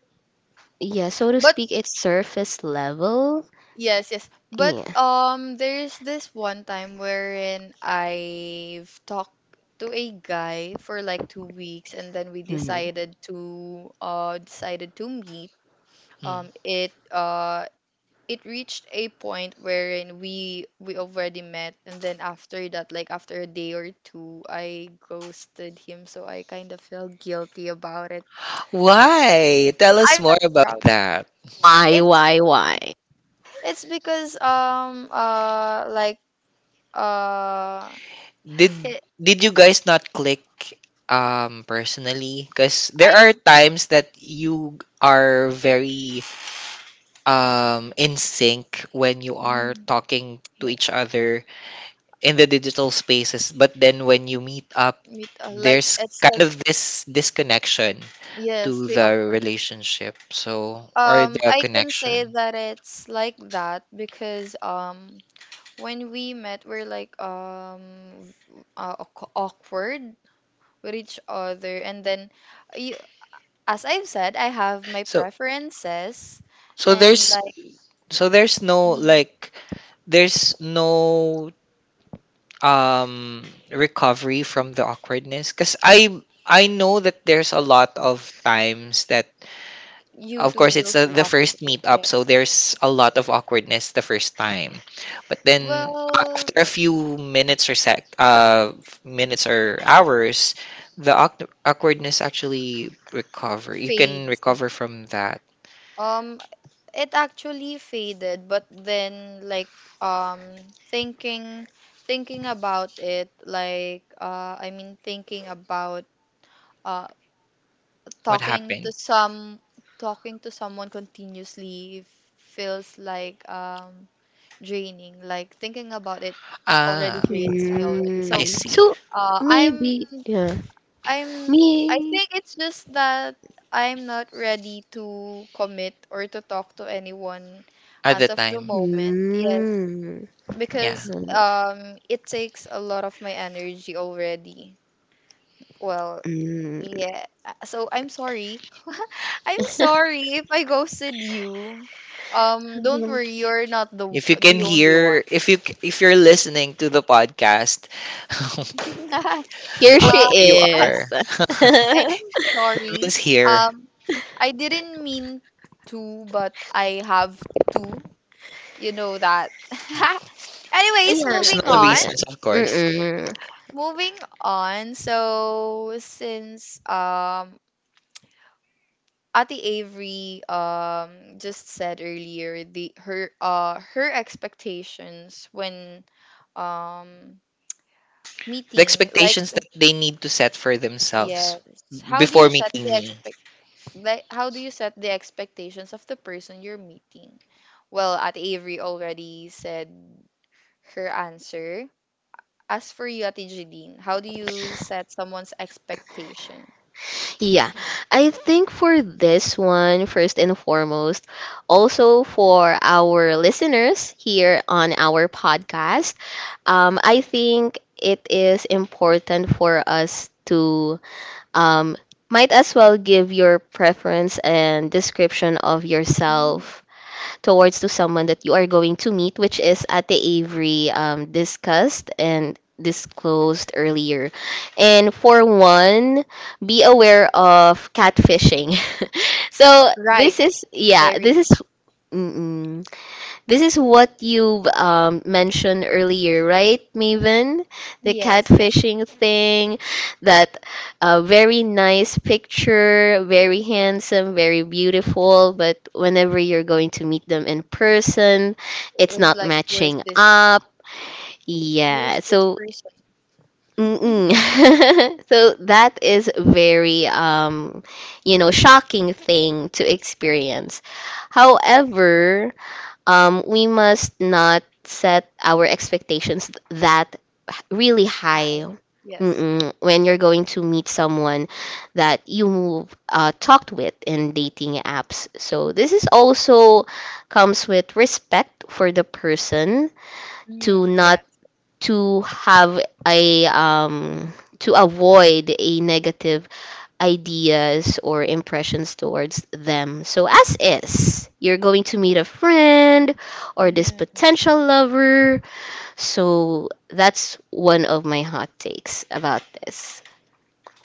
[SPEAKER 3] yeah, so to
[SPEAKER 1] but
[SPEAKER 3] speak, it's surface level.
[SPEAKER 1] yes, yes. But
[SPEAKER 3] Yeah.
[SPEAKER 1] um there's this one time wherein I've talked to a guy for like two weeks, and then we
[SPEAKER 3] Mm.
[SPEAKER 1] decided to uh decided to meet.
[SPEAKER 2] Hmm.
[SPEAKER 1] Um it uh it reached a point wherein we we already met, and then after that, like after a day or two, I ghosted him, so I kind of felt guilty about it.
[SPEAKER 2] Why? Tell us
[SPEAKER 1] I'm
[SPEAKER 2] more
[SPEAKER 1] not
[SPEAKER 2] about
[SPEAKER 1] proud.
[SPEAKER 2] that.
[SPEAKER 3] Why,
[SPEAKER 1] It's
[SPEAKER 3] why, why?
[SPEAKER 1] it's because um uh like uh
[SPEAKER 2] did
[SPEAKER 1] Hey,
[SPEAKER 2] did you guys not click um personally? Because there
[SPEAKER 1] I,
[SPEAKER 2] are times that you are very um in sync when you are
[SPEAKER 1] mm,
[SPEAKER 2] talking to each
[SPEAKER 1] yes,
[SPEAKER 2] other in the digital spaces, but then when you meet up
[SPEAKER 1] me too. Like
[SPEAKER 2] there's
[SPEAKER 1] it's
[SPEAKER 2] kind
[SPEAKER 1] like
[SPEAKER 2] of this disconnection
[SPEAKER 1] yes,
[SPEAKER 2] to
[SPEAKER 1] the
[SPEAKER 2] the
[SPEAKER 1] awkward.
[SPEAKER 2] relationship, so, or
[SPEAKER 1] Um,
[SPEAKER 2] the
[SPEAKER 1] I can say
[SPEAKER 2] connection.
[SPEAKER 1] that it's like that because um, when we met, we're like um, v- uh, awk- awkward with each other, and then you, as I've said, I have my
[SPEAKER 2] so
[SPEAKER 1] preferences,
[SPEAKER 2] so
[SPEAKER 1] and
[SPEAKER 2] there's
[SPEAKER 1] like
[SPEAKER 2] so there's no
[SPEAKER 1] Mhm.
[SPEAKER 2] like, there's no um recovery from the awkwardness because i I know that there's a lot of times that,
[SPEAKER 1] You
[SPEAKER 2] of
[SPEAKER 1] two
[SPEAKER 2] course, it's
[SPEAKER 1] will
[SPEAKER 2] the
[SPEAKER 1] feel
[SPEAKER 2] the first
[SPEAKER 1] awkward.
[SPEAKER 2] meetup, so
[SPEAKER 1] Yes.
[SPEAKER 2] there's a lot of awkwardness the first time. But then,
[SPEAKER 1] Well,
[SPEAKER 2] after a
[SPEAKER 1] uh,
[SPEAKER 2] few minutes, or sec uh minutes or hours, the awk- awkwardness actually, recover, you can
[SPEAKER 1] fades.
[SPEAKER 2] recover from that.
[SPEAKER 1] Um, it actually faded, but then like um thinking thinking about it, like uh I mean, thinking about uh
[SPEAKER 2] What
[SPEAKER 1] talking to
[SPEAKER 2] happened?
[SPEAKER 1] some talking to someone continuously feels like um draining, like thinking about it already
[SPEAKER 2] Ah,
[SPEAKER 1] drains me already. So
[SPEAKER 2] I
[SPEAKER 3] Mm.
[SPEAKER 2] see.
[SPEAKER 3] So
[SPEAKER 1] uh i'm
[SPEAKER 3] maybe, yeah.
[SPEAKER 1] I'm I
[SPEAKER 3] Me.
[SPEAKER 1] think it's just that I'm not ready to commit or to talk to anyone
[SPEAKER 2] At the
[SPEAKER 1] as of the
[SPEAKER 2] time,
[SPEAKER 1] moment. Yes,
[SPEAKER 3] Mm.
[SPEAKER 2] yeah.
[SPEAKER 1] because um it takes a lot of my energy already. Well,
[SPEAKER 3] Mm.
[SPEAKER 1] yeah. uh, So I'm sorry. <laughs> I'm sorry if I ghosted you. Um don't worry,
[SPEAKER 3] <laughs>
[SPEAKER 1] you're not the
[SPEAKER 2] If you can
[SPEAKER 1] the only one.
[SPEAKER 2] hear, if you if you're listening to the podcast, <laughs>
[SPEAKER 1] <laughs>
[SPEAKER 3] Here
[SPEAKER 2] whoever
[SPEAKER 3] she
[SPEAKER 1] uh
[SPEAKER 2] you
[SPEAKER 1] I
[SPEAKER 2] are,
[SPEAKER 3] is. <laughs>
[SPEAKER 2] <laughs>
[SPEAKER 1] I'm
[SPEAKER 3] Yeah,
[SPEAKER 1] sorry.
[SPEAKER 2] Vince here.
[SPEAKER 1] Um, I didn't mean to, but I have to. You know that. <laughs> Anyways, moving
[SPEAKER 2] Personal
[SPEAKER 1] on.
[SPEAKER 3] yeah.
[SPEAKER 2] reasons, of course.
[SPEAKER 3] Mm-mm.
[SPEAKER 1] Moving on. So since um Ati Avery um just said earlier the her uh her expectations when um
[SPEAKER 2] The
[SPEAKER 1] meeting, like
[SPEAKER 2] expectations that they need to set for themselves
[SPEAKER 1] yes, how do
[SPEAKER 2] before
[SPEAKER 1] you set
[SPEAKER 2] meeting
[SPEAKER 1] the
[SPEAKER 2] me.
[SPEAKER 1] expect like how do you set the expectations of the person you're meeting? Well, Ate Avery already said her answer. As for you, Ate Jeline, how do you set someone's expectation?
[SPEAKER 3] Yeah, I think for this one, first and foremost, also for our listeners here on our podcast, um, I think it is important for us to um, might as well give your preference and description of
[SPEAKER 1] Mm.
[SPEAKER 3] yourself towards to someone that you are going to meet, which is Ate Avery um, discussed and disclosed earlier. And for one, be aware of catfishing. <laughs> So
[SPEAKER 1] Right,
[SPEAKER 3] this is, yeah, this
[SPEAKER 1] very.
[SPEAKER 3] is mm-mm. This is what you um, mentioned earlier, right, Maven? The
[SPEAKER 1] Yes, yes.
[SPEAKER 3] catfishing thing, that uh, very nice picture, very handsome, very beautiful, but whenever you're going to meet them in person,
[SPEAKER 1] It
[SPEAKER 3] it's
[SPEAKER 1] was
[SPEAKER 3] not
[SPEAKER 1] like, who is
[SPEAKER 3] matching
[SPEAKER 1] this?
[SPEAKER 3] up.
[SPEAKER 1] Who is
[SPEAKER 3] Yeah,
[SPEAKER 1] this
[SPEAKER 3] so
[SPEAKER 1] person?
[SPEAKER 3] mm-mm. <laughs> So that is very um you know shocking thing to experience. However, um, we must not set our expectations that h- really
[SPEAKER 1] Hi.
[SPEAKER 3] high.
[SPEAKER 1] Yes.
[SPEAKER 3] Mm-mm. When you're going to meet someone that you uh, talked with in dating apps. So this is also comes with respect for the person to
[SPEAKER 1] Mm,
[SPEAKER 3] not
[SPEAKER 1] yes.
[SPEAKER 3] to have a um, to avoid a negative ideas or impressions towards them. So, as is, you're going to meet a friend
[SPEAKER 1] Mm,
[SPEAKER 3] or this
[SPEAKER 1] yeah.
[SPEAKER 3] potential lover. So, that's one of my hot takes about this.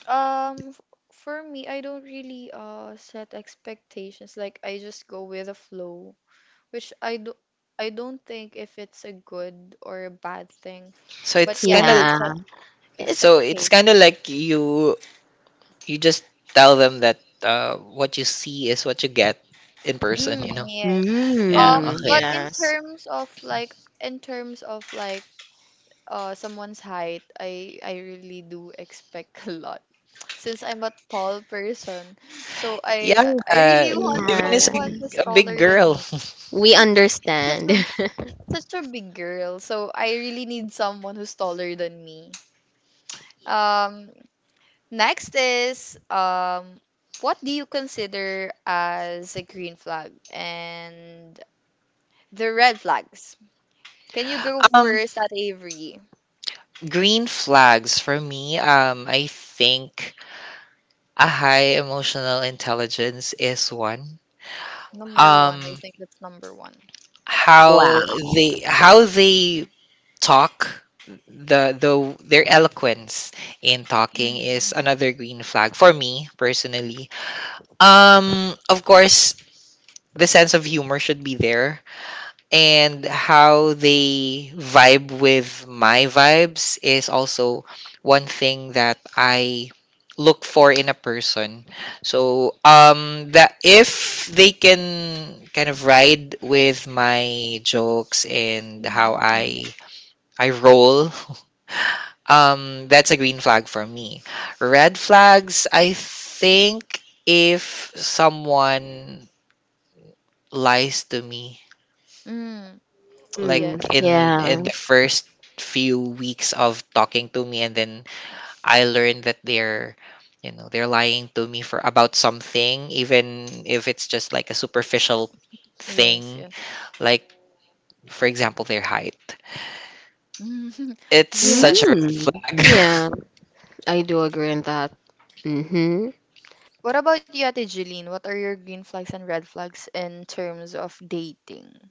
[SPEAKER 1] Um, f- for me, I don't really uh set expectations. Like I just go with the flow, which I do. I don't think if it's a good or a bad thing.
[SPEAKER 2] So
[SPEAKER 1] But
[SPEAKER 2] it's
[SPEAKER 1] yeah,
[SPEAKER 2] kind
[SPEAKER 1] I
[SPEAKER 2] of
[SPEAKER 1] don't
[SPEAKER 3] Yeah.
[SPEAKER 2] like,
[SPEAKER 1] set
[SPEAKER 3] It's,
[SPEAKER 2] so it's kind of
[SPEAKER 1] expectations.
[SPEAKER 2] like you you just tell them that, uh, what you see is what you get in person.
[SPEAKER 1] Mm,
[SPEAKER 2] You know?
[SPEAKER 1] yes.
[SPEAKER 2] Yeah.
[SPEAKER 3] mm,
[SPEAKER 1] Um,
[SPEAKER 2] Okay.
[SPEAKER 1] but in
[SPEAKER 3] yes.
[SPEAKER 1] terms of like, in terms of like uh someone's height, I I really do expect <laughs> a lot. Since I'm a tall person, so
[SPEAKER 2] Yeah.
[SPEAKER 1] I I I really
[SPEAKER 2] Uh,
[SPEAKER 1] want
[SPEAKER 2] Maven is
[SPEAKER 3] Yeah.
[SPEAKER 2] a,
[SPEAKER 1] someone who's
[SPEAKER 2] a big
[SPEAKER 1] taller than
[SPEAKER 2] girl.
[SPEAKER 1] me.
[SPEAKER 2] <laughs>
[SPEAKER 3] We
[SPEAKER 1] Such
[SPEAKER 3] understand.
[SPEAKER 1] a such a big girl, so I really need someone who's taller than me. Um, Next is um what do you consider as a green flag and the red flags? Can you go
[SPEAKER 2] Um.
[SPEAKER 1] first, at Avery?
[SPEAKER 2] Green flags for me, um, I think a high emotional intelligence is one.
[SPEAKER 1] Number one, I
[SPEAKER 2] Um,
[SPEAKER 1] think that's number one.
[SPEAKER 3] <laughs> Wow.
[SPEAKER 2] how they how they talk, the the their eloquence in talking is
[SPEAKER 1] Mm, yeah.
[SPEAKER 2] another green flag for me personally. Um, of course, the sense of humor should be there, and how they vibe with my vibes is also one thing that I look for in a person. So um that if they can kind of ride with my jokes and how
[SPEAKER 1] Mm, yeah.
[SPEAKER 2] I I roll, <laughs> um that's a green flag for me. Red flags, I think if someone lies to me,
[SPEAKER 1] Mm,
[SPEAKER 3] Mm,
[SPEAKER 2] like
[SPEAKER 1] yes.
[SPEAKER 2] in in the
[SPEAKER 3] yeah.
[SPEAKER 2] first few weeks of talking to me, and then I learned that they're, you know, they're lying to me for about something, even if it's just like a superficial
[SPEAKER 1] Yes,
[SPEAKER 2] thing,
[SPEAKER 1] yes.
[SPEAKER 2] like for example their height,
[SPEAKER 1] <laughs>
[SPEAKER 2] it's such a
[SPEAKER 1] Yes.
[SPEAKER 2] red
[SPEAKER 3] Mm,
[SPEAKER 2] flag.
[SPEAKER 3] yeah. I do agree on that. Mm-hmm.
[SPEAKER 1] What about you, Ate Jeline? What are your green flags and red flags in terms of dating?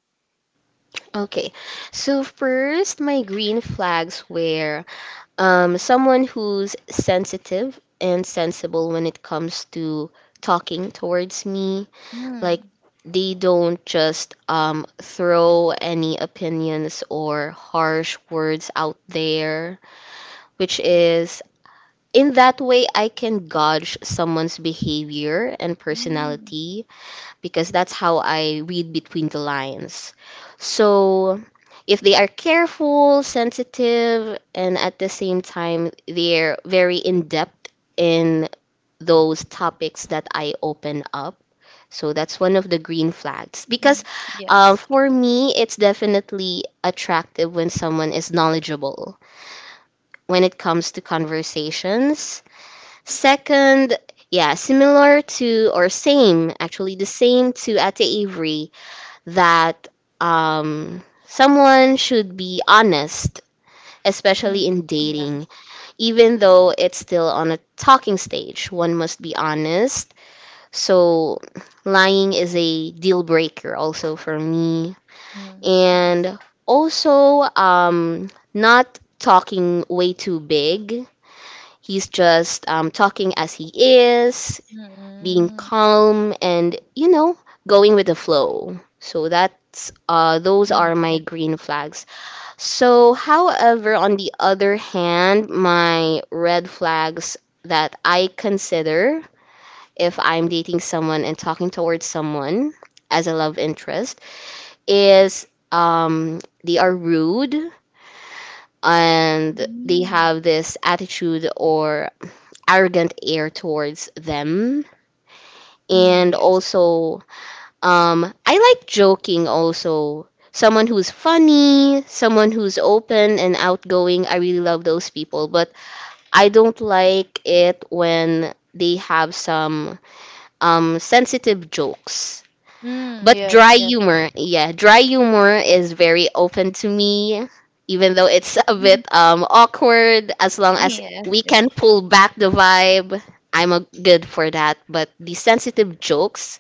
[SPEAKER 3] Okay, so first, my green flags were um, someone who's sensitive and sensible when it comes to talking towards me. Like,
[SPEAKER 1] Mm,
[SPEAKER 3] they don't just um, throw any opinions or harsh words out there, which is in that way, I can gauge someone's behavior and
[SPEAKER 1] mm,
[SPEAKER 3] personality because that's how I read between the lines. So if they are careful, sensitive, and at the same time they're very in depth in those topics that I open up. So that's one of the green flags. Because
[SPEAKER 1] mm,
[SPEAKER 3] uh,
[SPEAKER 1] yes.
[SPEAKER 3] for me, it's definitely attractive when someone is knowledgeable when it comes to conversations. Second, yeah, similar to or same, actually the same to Ate Avery that um, someone should be honest, especially
[SPEAKER 1] Mm,
[SPEAKER 3] in dating,
[SPEAKER 1] yes.
[SPEAKER 3] even though it's still on a talking stage. One must be honest. So, lying is a deal breaker also for me.
[SPEAKER 1] Mm, yes.
[SPEAKER 3] And also, um, not talking way too big. He's just um, talking as he is, being
[SPEAKER 1] Mm,
[SPEAKER 3] calm and you know going with the flow. So that's uh those
[SPEAKER 1] mm,
[SPEAKER 3] are my
[SPEAKER 1] yeah.
[SPEAKER 3] green flags. So however, on the other hand, my red flags that I consider, if I'm dating someone and talking towards someone as a love interest, is um they are rude, and they
[SPEAKER 1] Mm,
[SPEAKER 3] have this attitude or arrogant air towards them.
[SPEAKER 1] mm,
[SPEAKER 3] And
[SPEAKER 1] yes.
[SPEAKER 3] also, Um, I like joking also. Someone who's funny, someone who's open and outgoing. I really love those people, but I don't like it when they have some um sensitive jokes.
[SPEAKER 1] Mm,
[SPEAKER 3] But
[SPEAKER 1] yes,
[SPEAKER 3] dry
[SPEAKER 1] yes.
[SPEAKER 3] humor, yeah, dry humor is very open to me, even though it's a bit
[SPEAKER 1] <laughs>
[SPEAKER 3] um awkward. As long as
[SPEAKER 1] Yes,
[SPEAKER 3] we can
[SPEAKER 1] yes.
[SPEAKER 3] pull back the vibe, I'm a good for that. But the sensitive jokes,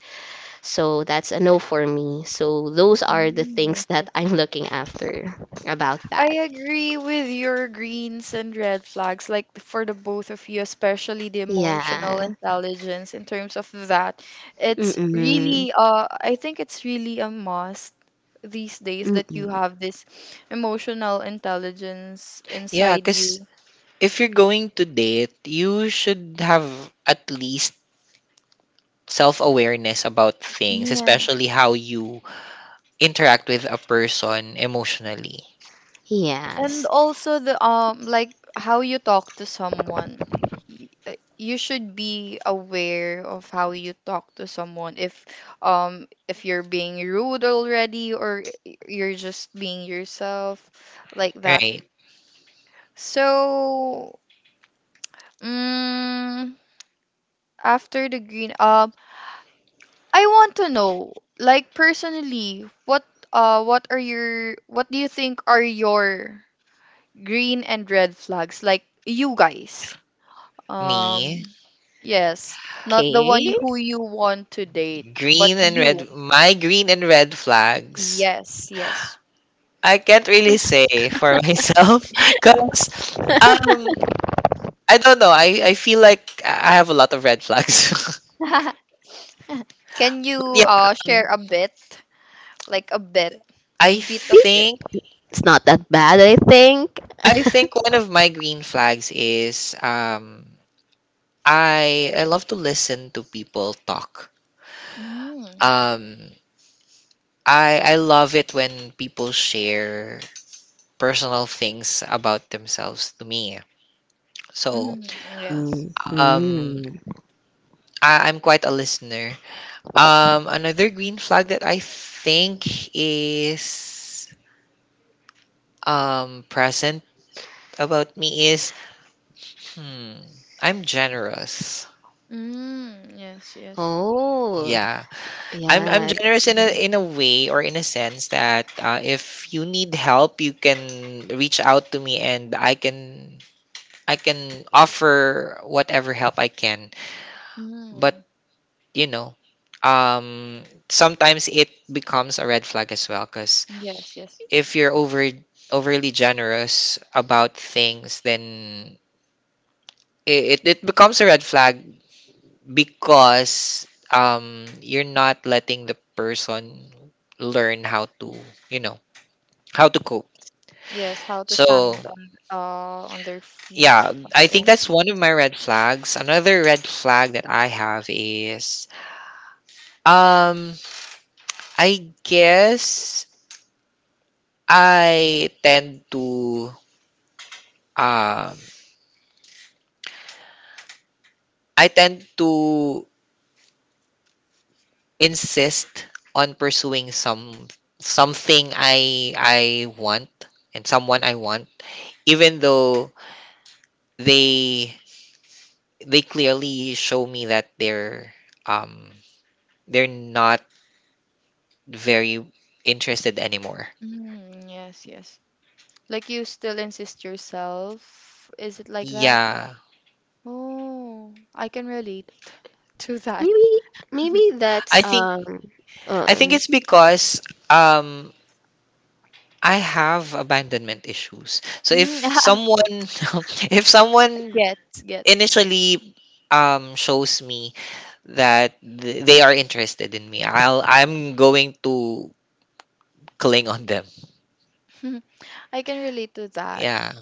[SPEAKER 3] so that's a no for me. So those are the
[SPEAKER 1] Mm,
[SPEAKER 3] things
[SPEAKER 1] yes,
[SPEAKER 3] that
[SPEAKER 1] yes.
[SPEAKER 3] I'm looking after about
[SPEAKER 1] I
[SPEAKER 3] that.
[SPEAKER 1] agree with your greens and red flags, like for the both of you, especially the emotional
[SPEAKER 3] Yeah.
[SPEAKER 1] intelligence in terms of that. It's
[SPEAKER 3] Mm-mm.
[SPEAKER 1] really, uh, I think it's really a must these days that you
[SPEAKER 3] Mm-mm.
[SPEAKER 1] have this emotional intelligence
[SPEAKER 2] <laughs> Yeah,
[SPEAKER 1] inside
[SPEAKER 2] cuz
[SPEAKER 1] you.
[SPEAKER 2] if you're going to date you should have at least self-awareness about things, especially
[SPEAKER 1] Yes.
[SPEAKER 2] how you interact with a person emotionally,
[SPEAKER 1] And
[SPEAKER 3] Yes.
[SPEAKER 1] also the um like how you talk to someone. Y- uh, You should be aware of how you talk to someone, if um if you're being rude already, or y- you're just being yourself like that.
[SPEAKER 2] right?
[SPEAKER 1] So, mm, after the green um I want to know, like, personally, what uh what are your what do you think are your green and red flags, like, you guys?
[SPEAKER 2] Me,
[SPEAKER 1] Um, yes, not the one you-
[SPEAKER 3] Okay.
[SPEAKER 1] who you want to date,
[SPEAKER 2] green
[SPEAKER 1] but
[SPEAKER 2] and
[SPEAKER 1] you.
[SPEAKER 2] red, my green and red flags.
[SPEAKER 1] Yes, yes.
[SPEAKER 2] I can't really say for <laughs> myself because um I don't know. I I feel like I have a lot of red flags.
[SPEAKER 1] <laughs> Can
[SPEAKER 2] <laughs> But
[SPEAKER 1] you
[SPEAKER 2] yeah,
[SPEAKER 1] uh share
[SPEAKER 2] um,
[SPEAKER 1] a bit, like a bit,
[SPEAKER 2] I
[SPEAKER 1] bit
[SPEAKER 3] Maybe
[SPEAKER 1] of it?
[SPEAKER 2] think
[SPEAKER 3] it's not that bad, I think.
[SPEAKER 2] I think
[SPEAKER 3] <laughs>
[SPEAKER 2] one of my green flags is um I I love to listen to people talk.
[SPEAKER 1] Mm,
[SPEAKER 2] Um, I I love it when people share personal things about themselves to me. So,
[SPEAKER 1] mm, yes.
[SPEAKER 3] Mm, hmm.
[SPEAKER 2] um I- I'm quite a listener. Um, another green flag that I think is um present about me is, hmm, I'm generous.
[SPEAKER 1] Mm, yes, yes.
[SPEAKER 3] Oh,
[SPEAKER 2] Yeah, I'm I'm
[SPEAKER 3] yeah.
[SPEAKER 2] generous in a,
[SPEAKER 3] That's,
[SPEAKER 2] in a way or in a sense that, uh, if you need help, you can reach out to me and I can I can offer whatever help I can. But
[SPEAKER 1] Mm,
[SPEAKER 2] you know, um, sometimes it becomes a red flag as well because
[SPEAKER 1] yes, yes.
[SPEAKER 2] if you're over overly generous about things, then it, it, it becomes a red flag because um you're not letting the person learn how to, you know, how to cope.
[SPEAKER 1] Yes, how to
[SPEAKER 2] So
[SPEAKER 1] stand on uh on their feet, so
[SPEAKER 2] yeah,
[SPEAKER 1] on
[SPEAKER 2] I
[SPEAKER 1] their
[SPEAKER 2] think
[SPEAKER 1] own
[SPEAKER 2] that's
[SPEAKER 1] feet.
[SPEAKER 2] one of my red flags. Another red flag that I have is, um I guess I tend to, um I tend to insist on pursuing some something I I want and someone I want, even though they they clearly show me that they're um they're not very interested anymore.
[SPEAKER 1] Mm, yes, yes. Like, you still insist yourself. Is it like that?
[SPEAKER 2] Yeah.
[SPEAKER 1] Oh, I can relate to that.
[SPEAKER 3] maybe maybe that's
[SPEAKER 2] I think
[SPEAKER 3] um uh,
[SPEAKER 2] I think it's because um I have abandonment issues. So if
[SPEAKER 1] Mm, <laughs>
[SPEAKER 2] someone, <laughs> if someone
[SPEAKER 1] gets, gets.
[SPEAKER 2] initially um shows me that th- they are interested in me, I'll, I'm going to cling on them.
[SPEAKER 1] <laughs> I can relate to that.
[SPEAKER 2] Yeah.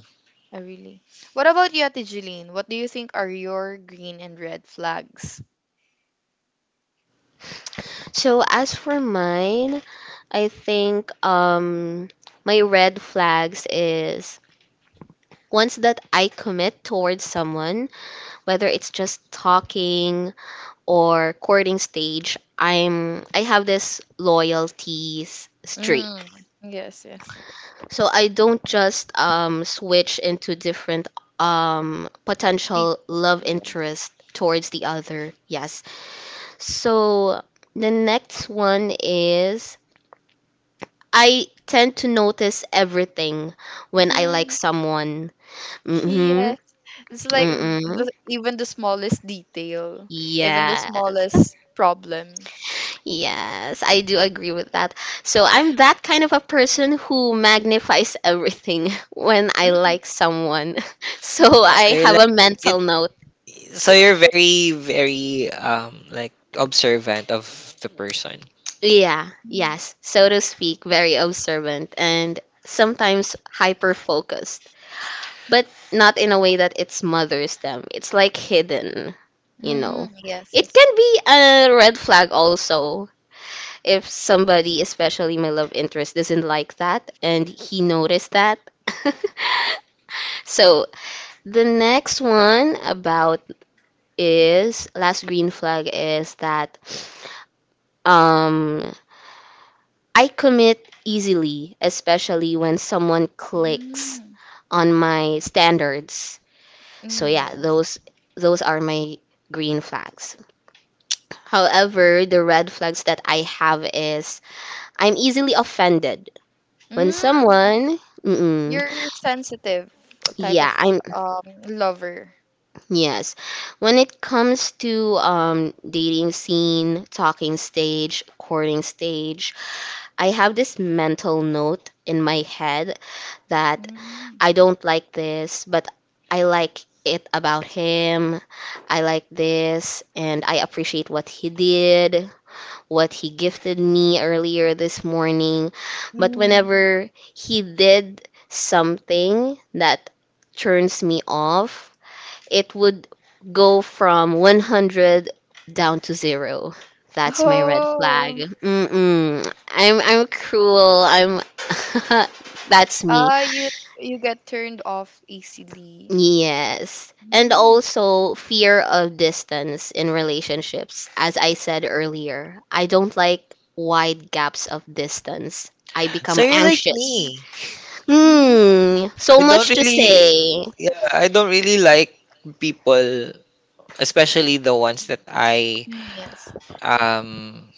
[SPEAKER 1] I really. What about you, Ate Jeline? What do you think are your green and red flags?
[SPEAKER 3] so as for mine, I think um my red flags is ones that I commit towards someone, whether it's just talking or courting stage, I'm I have this loyalty s- streak.
[SPEAKER 1] Mm, yes, yes.
[SPEAKER 3] So I don't just um, switch into different um, potential
[SPEAKER 1] People,
[SPEAKER 3] love
[SPEAKER 1] yes.
[SPEAKER 3] interest towards the other. Yes. So the next one is I tend to notice everything when I like
[SPEAKER 1] Mhm,
[SPEAKER 3] someone. Mm-hmm.
[SPEAKER 1] yes. It's like
[SPEAKER 3] Mm-mm.
[SPEAKER 1] the, even the smallest detail, even the
[SPEAKER 3] Yes.
[SPEAKER 1] smallest problem.
[SPEAKER 3] Yes, I do agree with that. So I'm that kind of a person who magnifies everything <laughs> when I like someone. <laughs>
[SPEAKER 1] Mm,
[SPEAKER 3] So
[SPEAKER 2] So
[SPEAKER 3] I
[SPEAKER 1] yes.
[SPEAKER 2] you're
[SPEAKER 3] have a
[SPEAKER 2] like it.
[SPEAKER 3] mental note.
[SPEAKER 2] So you're very very um like observant of the person.
[SPEAKER 3] Yeah,
[SPEAKER 1] Mm,
[SPEAKER 3] yes, so to speak, very observant and sometimes hyper focused, but not in a way that it smothers them. It's like hidden, you
[SPEAKER 1] mm,
[SPEAKER 3] know.
[SPEAKER 1] yes,
[SPEAKER 3] It
[SPEAKER 1] yes.
[SPEAKER 3] can be a red flag also if somebody, especially my love interest, doesn't like that and he noticed that. <laughs> So the next one about is last green flag is that um I commit easily, especially when someone clicks
[SPEAKER 1] Mm,
[SPEAKER 3] on my standards. So
[SPEAKER 1] mm,
[SPEAKER 3] yeah,
[SPEAKER 1] yes.
[SPEAKER 3] those those are my green flags. However, the red flags that I have is I'm easily offended when
[SPEAKER 1] Mm,
[SPEAKER 3] someone, mm,
[SPEAKER 1] you're sensitive type of
[SPEAKER 3] yeah, I'm,
[SPEAKER 1] um lover.
[SPEAKER 3] yes. When it comes to um, dating scene, talking stage, courting stage, I have this mental note in my head that
[SPEAKER 1] Mm.
[SPEAKER 3] I don't like this, but I like it about him. I like this, and I appreciate what he did, what he gifted me earlier this morning. But
[SPEAKER 1] Mm.
[SPEAKER 3] whenever he did something that turns me off, it would go from one hundred down to zero. That's my red flag.
[SPEAKER 1] Oh,
[SPEAKER 3] Mm-mm. I'm I'm cruel. I'm <laughs> that's me.
[SPEAKER 1] ah, you you get turned off easily.
[SPEAKER 3] Yes. And
[SPEAKER 1] Mm.
[SPEAKER 3] also fear of distance in relationships. As I said earlier, I don't like wide gaps of distance. I
[SPEAKER 2] So
[SPEAKER 3] become
[SPEAKER 2] you're like
[SPEAKER 3] anxious.
[SPEAKER 1] Mm.
[SPEAKER 2] me.
[SPEAKER 1] Mhm.
[SPEAKER 3] Hmm, so
[SPEAKER 2] I don't
[SPEAKER 3] much to
[SPEAKER 2] really,
[SPEAKER 3] say.
[SPEAKER 2] yeah, I don't really like people, especially the ones that I
[SPEAKER 1] Mm, yes,
[SPEAKER 2] um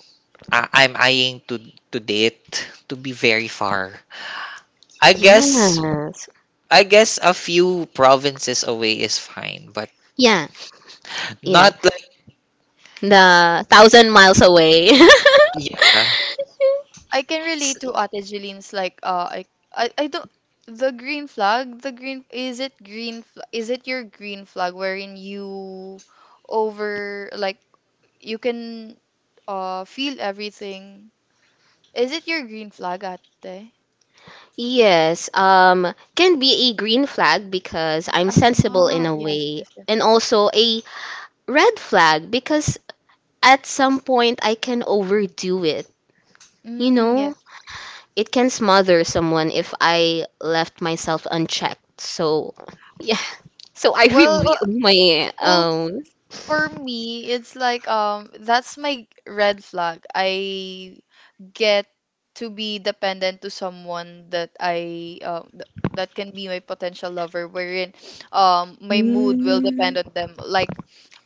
[SPEAKER 2] I- I'm eyeing to to date to be very far. I guess
[SPEAKER 3] Yes.
[SPEAKER 2] I guess a few provinces away is fine, but
[SPEAKER 3] Yeah, yeah.
[SPEAKER 2] not like,
[SPEAKER 3] The thousand miles away. <laughs>
[SPEAKER 2] yeah.
[SPEAKER 1] I can
[SPEAKER 3] S-
[SPEAKER 1] relate to Ate Jeline's, like uh I I, I don't the green flag the green, is it green fl- is it your green flag wherein you over, like, you can uh feel everything? Is it your green flag, Ate?
[SPEAKER 3] Yes, um, can be a green flag because I'm sensible in
[SPEAKER 1] Ah,
[SPEAKER 3] a
[SPEAKER 1] yes,
[SPEAKER 3] way,
[SPEAKER 1] yes, yes.
[SPEAKER 3] and also a red flag because at some point I can overdo it. You
[SPEAKER 1] Mm,
[SPEAKER 3] know,
[SPEAKER 1] yes.
[SPEAKER 3] it can smother someone if I left myself unchecked. So, <laughs> yeah. So I <laughs>
[SPEAKER 1] Well,
[SPEAKER 3] revealed
[SPEAKER 1] uh,
[SPEAKER 3] my
[SPEAKER 1] well,
[SPEAKER 3] own.
[SPEAKER 1] for me, it's like um that's my red flag. I get to be dependent to someone that I uh, th- that can be my potential lover, wherein um my mood will depend
[SPEAKER 3] Mm,
[SPEAKER 1] on them. Like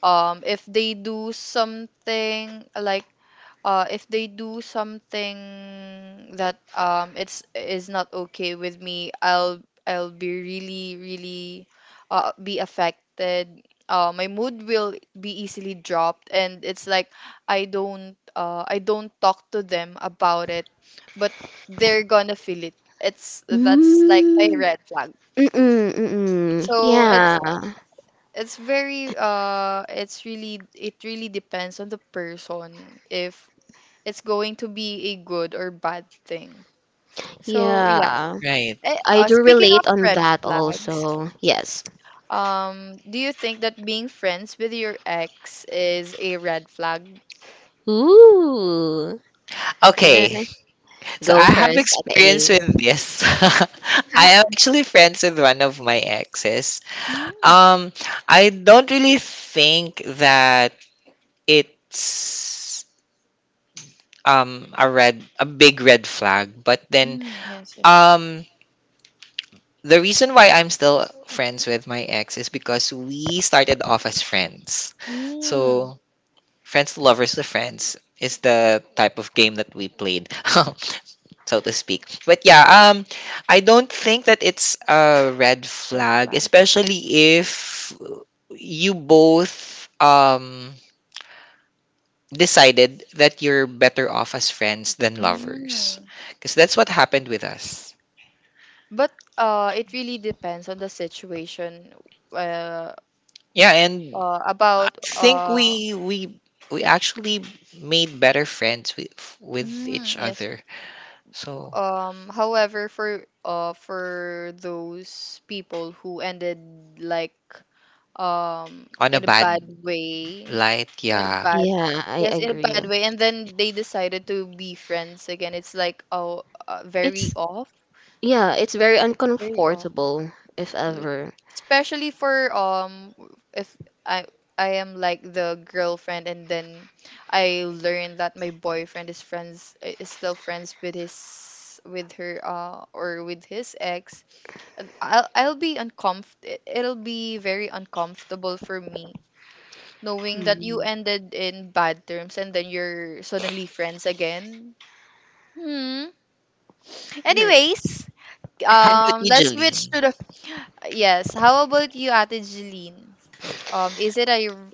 [SPEAKER 1] um if they do something, like uh if they do something that um it's is not okay with me, I'll I'll be really really uh be affected. Uh, my mood will be easily dropped, and it's like i don't uh, I don't talk to them about it, but they're gonna feel it. It's That's like my
[SPEAKER 3] mm,
[SPEAKER 1] red flag.
[SPEAKER 3] mm-mm, mm-mm.
[SPEAKER 1] So it's
[SPEAKER 3] Yeah.
[SPEAKER 1] it's very uh it's really, it really depends on the person, if it's going to be a good or bad thing, so yeah.
[SPEAKER 3] Yeah.
[SPEAKER 2] Right.
[SPEAKER 1] Eh,
[SPEAKER 3] I
[SPEAKER 1] uh,
[SPEAKER 3] do
[SPEAKER 1] speaking of
[SPEAKER 3] relate on
[SPEAKER 1] red
[SPEAKER 3] that
[SPEAKER 1] flags,
[SPEAKER 3] also. Yes.
[SPEAKER 1] um do you think that being friends with your ex is a red flag?
[SPEAKER 3] Ooh. Uh,
[SPEAKER 2] Okay. So
[SPEAKER 3] go
[SPEAKER 2] I have
[SPEAKER 3] first at the
[SPEAKER 2] experience
[SPEAKER 3] Eve.
[SPEAKER 2] with this. <laughs> I am
[SPEAKER 1] <laughs>
[SPEAKER 2] actually friends with one of my exes.
[SPEAKER 1] Mm.
[SPEAKER 2] Um I don't really think that it's um a red a big red flag, but then
[SPEAKER 1] Mm. Yes, yes.
[SPEAKER 2] um the reason why I'm still friends with my ex is because we started off as friends.
[SPEAKER 1] Mm.
[SPEAKER 2] So friends to lovers to friends is the type of game that we played. <laughs> So to speak. But yeah, um, I don't think that it's a red
[SPEAKER 1] Red
[SPEAKER 2] flag,
[SPEAKER 1] flag.
[SPEAKER 2] especially if you both um decided that you're better off as friends than lovers,
[SPEAKER 1] Mm.
[SPEAKER 2] because that's what happened with us.
[SPEAKER 1] But uh, it really depends on the situation. Uh,
[SPEAKER 2] Yeah, and
[SPEAKER 1] uh,
[SPEAKER 2] I
[SPEAKER 1] about
[SPEAKER 2] think
[SPEAKER 1] uh.
[SPEAKER 2] we we we actually made better friends with with
[SPEAKER 1] Mm,
[SPEAKER 2] each
[SPEAKER 1] yes.
[SPEAKER 2] other. So
[SPEAKER 1] Um. However, for uh, for those people who ended like um
[SPEAKER 2] on a
[SPEAKER 1] in a
[SPEAKER 2] bad
[SPEAKER 1] bad way,
[SPEAKER 2] light,
[SPEAKER 1] in a
[SPEAKER 2] yeah.
[SPEAKER 1] bad
[SPEAKER 3] Yeah, I
[SPEAKER 1] yes, in a
[SPEAKER 3] agree.
[SPEAKER 1] bad way, and then they decided to be friends again, it's like, oh, uh, very
[SPEAKER 3] It's,
[SPEAKER 1] off,
[SPEAKER 3] yeah, it's very
[SPEAKER 1] it's very off,
[SPEAKER 3] uncomfortable, if ever.
[SPEAKER 1] especially for um if I I am like the girlfriend, and then I learn that my boyfriend is friends is still friends with his, with her uh or with his ex. uh, I'll I'll be uncomfortable, it'll be very uncomfortable for me, knowing that you
[SPEAKER 3] Hmm.
[SPEAKER 1] ended in bad terms, and then you're suddenly friends again. Hmm,
[SPEAKER 3] <laughs>
[SPEAKER 1] anyways,
[SPEAKER 2] How about
[SPEAKER 1] um
[SPEAKER 2] you,
[SPEAKER 1] let's switch
[SPEAKER 2] Jeline?
[SPEAKER 1] to the yes, how about you, Ate Jeline? Um, is it a r-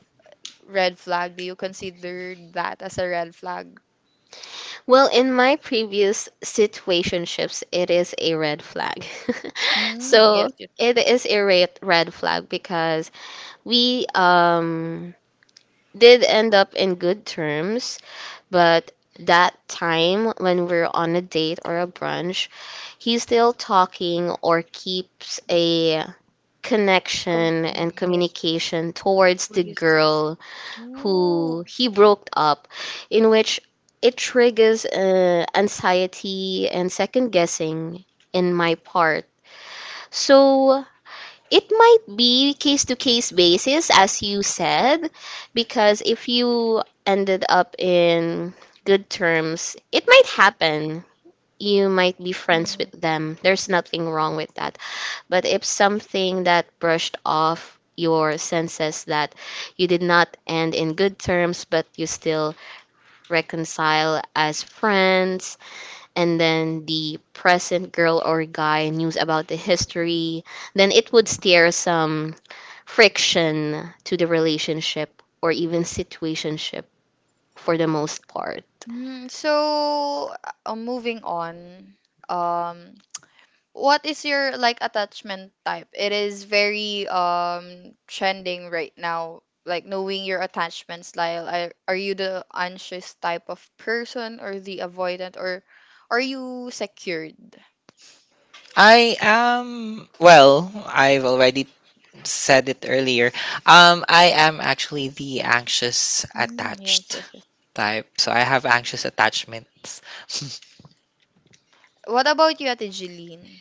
[SPEAKER 1] red flag? Do you consider that as a red flag?
[SPEAKER 3] Well, in my previous situationships, it is a red flag. <laughs>
[SPEAKER 1] Mm,
[SPEAKER 3] So
[SPEAKER 1] yes, yes.
[SPEAKER 3] it is a red red flag because we um did end up in good terms, but that time when we're on a date or a brunch, he's still talking or keeps a
[SPEAKER 1] Come,
[SPEAKER 3] connection
[SPEAKER 1] mm,
[SPEAKER 3] and
[SPEAKER 1] yes.
[SPEAKER 3] communication towards
[SPEAKER 1] What
[SPEAKER 3] the
[SPEAKER 1] is this?
[SPEAKER 3] girl who
[SPEAKER 1] Oh.
[SPEAKER 3] he broke up, in which it triggers uh, anxiety and second guessing in my part. So it might be case to case basis, as you said, because if you ended up in good terms, it might happen. You might be friends with
[SPEAKER 1] Mm.
[SPEAKER 3] them. There's nothing wrong with that. But if something that brushed off your senses that you did not end in good terms, but you still reconcile as friends, and then the present girl or guy news about the history, then it would steer some friction to the relationship or even situationship for the most part.
[SPEAKER 1] Mm, so, uh, moving on. Um, what is your, like, attachment type? It is very um trending right now. Like, knowing your attachment style. Are, are you the anxious type of person, or the avoidant, or are you secured?
[SPEAKER 2] I am, well, I've already said it earlier. Um, I am actually the anxious
[SPEAKER 1] Mm, yes,
[SPEAKER 2] attached
[SPEAKER 1] yes, yes.
[SPEAKER 2] type. So I have anxious attachments.
[SPEAKER 1] What about you, Ate Jeline?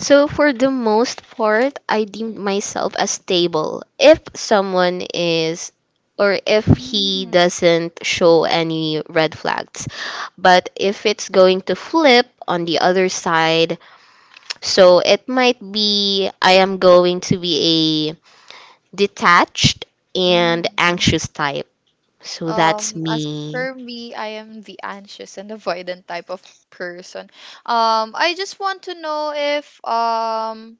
[SPEAKER 3] So for the most part, I deemed myself as stable. If someone is or if he
[SPEAKER 1] Mm,
[SPEAKER 3] doesn't show any red flags. But if it's going to flip on the other side, so it might be I am going to be a detached
[SPEAKER 1] mm,
[SPEAKER 3] and
[SPEAKER 1] mm.
[SPEAKER 3] anxious type. So that's
[SPEAKER 1] Um, as
[SPEAKER 3] me.
[SPEAKER 1] for me, I am the anxious and avoidant type of person. Um, I just want to know if um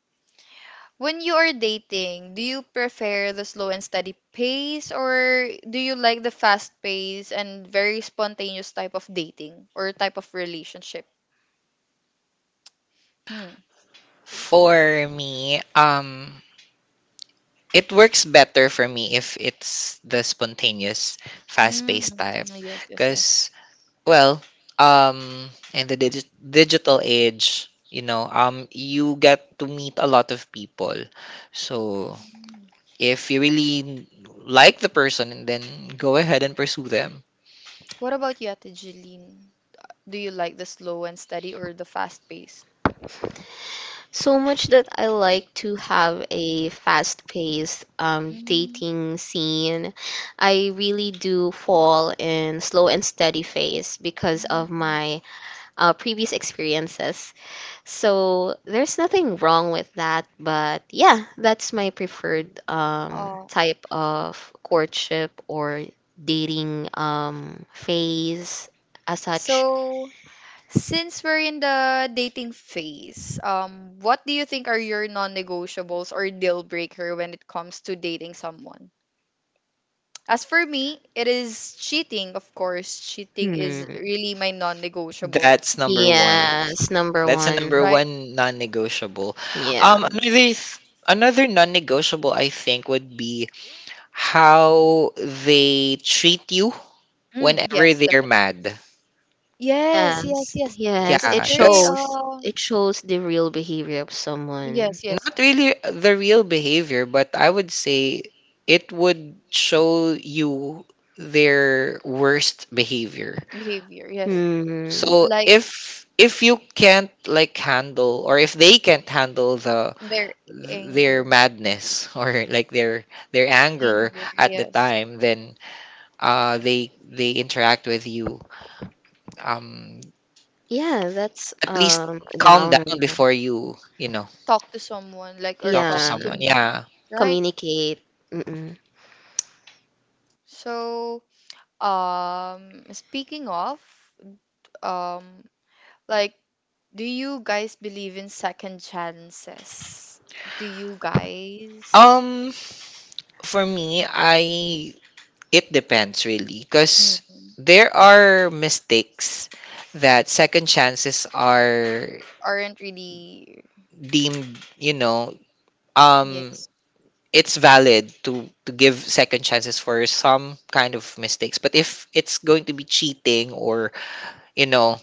[SPEAKER 1] when you are dating, do you prefer the slow and steady pace, or do you like the fast pace and very spontaneous type of dating or type of relationship? Hmm.
[SPEAKER 2] <laughs> For me, um, it works better for me if it's the spontaneous,
[SPEAKER 1] Mm,
[SPEAKER 2] fast-paced type.
[SPEAKER 1] yes, yes, yes.
[SPEAKER 2] Because, well, um, in the digi- digital age, you know, um, you get to meet a lot of people. So
[SPEAKER 1] Mm.
[SPEAKER 2] if you really like the person, and then go ahead and pursue them.
[SPEAKER 1] What about you, Ate Jeline? Do you like the slow and steady or the fast pace?
[SPEAKER 3] So much that I like to have a fast-paced um,
[SPEAKER 1] Mm,
[SPEAKER 3] dating scene. I really do fall in slow and steady phase because
[SPEAKER 1] mm,
[SPEAKER 3] of
[SPEAKER 1] yeah.
[SPEAKER 3] my uh, previous experiences. So there's nothing wrong with that, but yeah, that's my preferred um,
[SPEAKER 1] Oh,
[SPEAKER 3] type of courtship or dating um, phase as such.
[SPEAKER 1] so since we're in the dating phase, um, what do you think are your non-negotiables or deal breaker when it comes to dating someone? As for me, it is cheating, of course. Cheating is
[SPEAKER 3] Hmm.
[SPEAKER 1] really my non-negotiable,
[SPEAKER 2] That's number one.
[SPEAKER 3] Yes, number
[SPEAKER 2] That's a number
[SPEAKER 3] one.
[SPEAKER 1] right?
[SPEAKER 2] one non-negotiable.
[SPEAKER 3] Yeah.
[SPEAKER 2] Um, another th- another non-negotiable I think would be how they treat you
[SPEAKER 1] Mm,
[SPEAKER 2] whenever
[SPEAKER 1] yes,
[SPEAKER 2] they're
[SPEAKER 1] definitely.
[SPEAKER 2] mad.
[SPEAKER 1] Yes, yes,
[SPEAKER 3] Yes,
[SPEAKER 1] yes.
[SPEAKER 3] yes,
[SPEAKER 1] That's
[SPEAKER 3] it
[SPEAKER 2] Yeah,
[SPEAKER 1] very
[SPEAKER 2] because
[SPEAKER 3] shows.
[SPEAKER 1] um
[SPEAKER 3] It shows the real behavior of someone.
[SPEAKER 1] yes, yes.
[SPEAKER 2] not really the real behavior, but I would say it would show you their worst behavior.
[SPEAKER 1] Behavior, yes.
[SPEAKER 3] Hmm.
[SPEAKER 2] So
[SPEAKER 1] Like,
[SPEAKER 2] if if you can't like handle, or if they can't handle the
[SPEAKER 1] their
[SPEAKER 2] their
[SPEAKER 1] anger.
[SPEAKER 2] madness <laughs> or like their their anger
[SPEAKER 1] Anger,
[SPEAKER 2] at the
[SPEAKER 1] yes.
[SPEAKER 2] time, then uh they they interact with you, um
[SPEAKER 3] Yeah, that's
[SPEAKER 2] at least
[SPEAKER 3] um a
[SPEAKER 2] calm
[SPEAKER 3] downer.
[SPEAKER 2] down before you, you know,
[SPEAKER 1] Talk to someone, like, or
[SPEAKER 2] talk to
[SPEAKER 1] talk
[SPEAKER 3] Yeah,
[SPEAKER 1] to
[SPEAKER 2] someone.
[SPEAKER 1] me,
[SPEAKER 2] Yeah.
[SPEAKER 1] right?
[SPEAKER 3] communicate. Mm-mm.
[SPEAKER 1] So, um speaking of, um like, do you guys believe in second chances, do you guys,
[SPEAKER 2] um for me, I, it depends really, because
[SPEAKER 1] mm,
[SPEAKER 2] there are mistakes that second chances are
[SPEAKER 1] aren't really,
[SPEAKER 2] deemed you know, um
[SPEAKER 1] yes,
[SPEAKER 2] it's valid to to give second chances for some kind of mistakes, but if it's going to be cheating, or you know,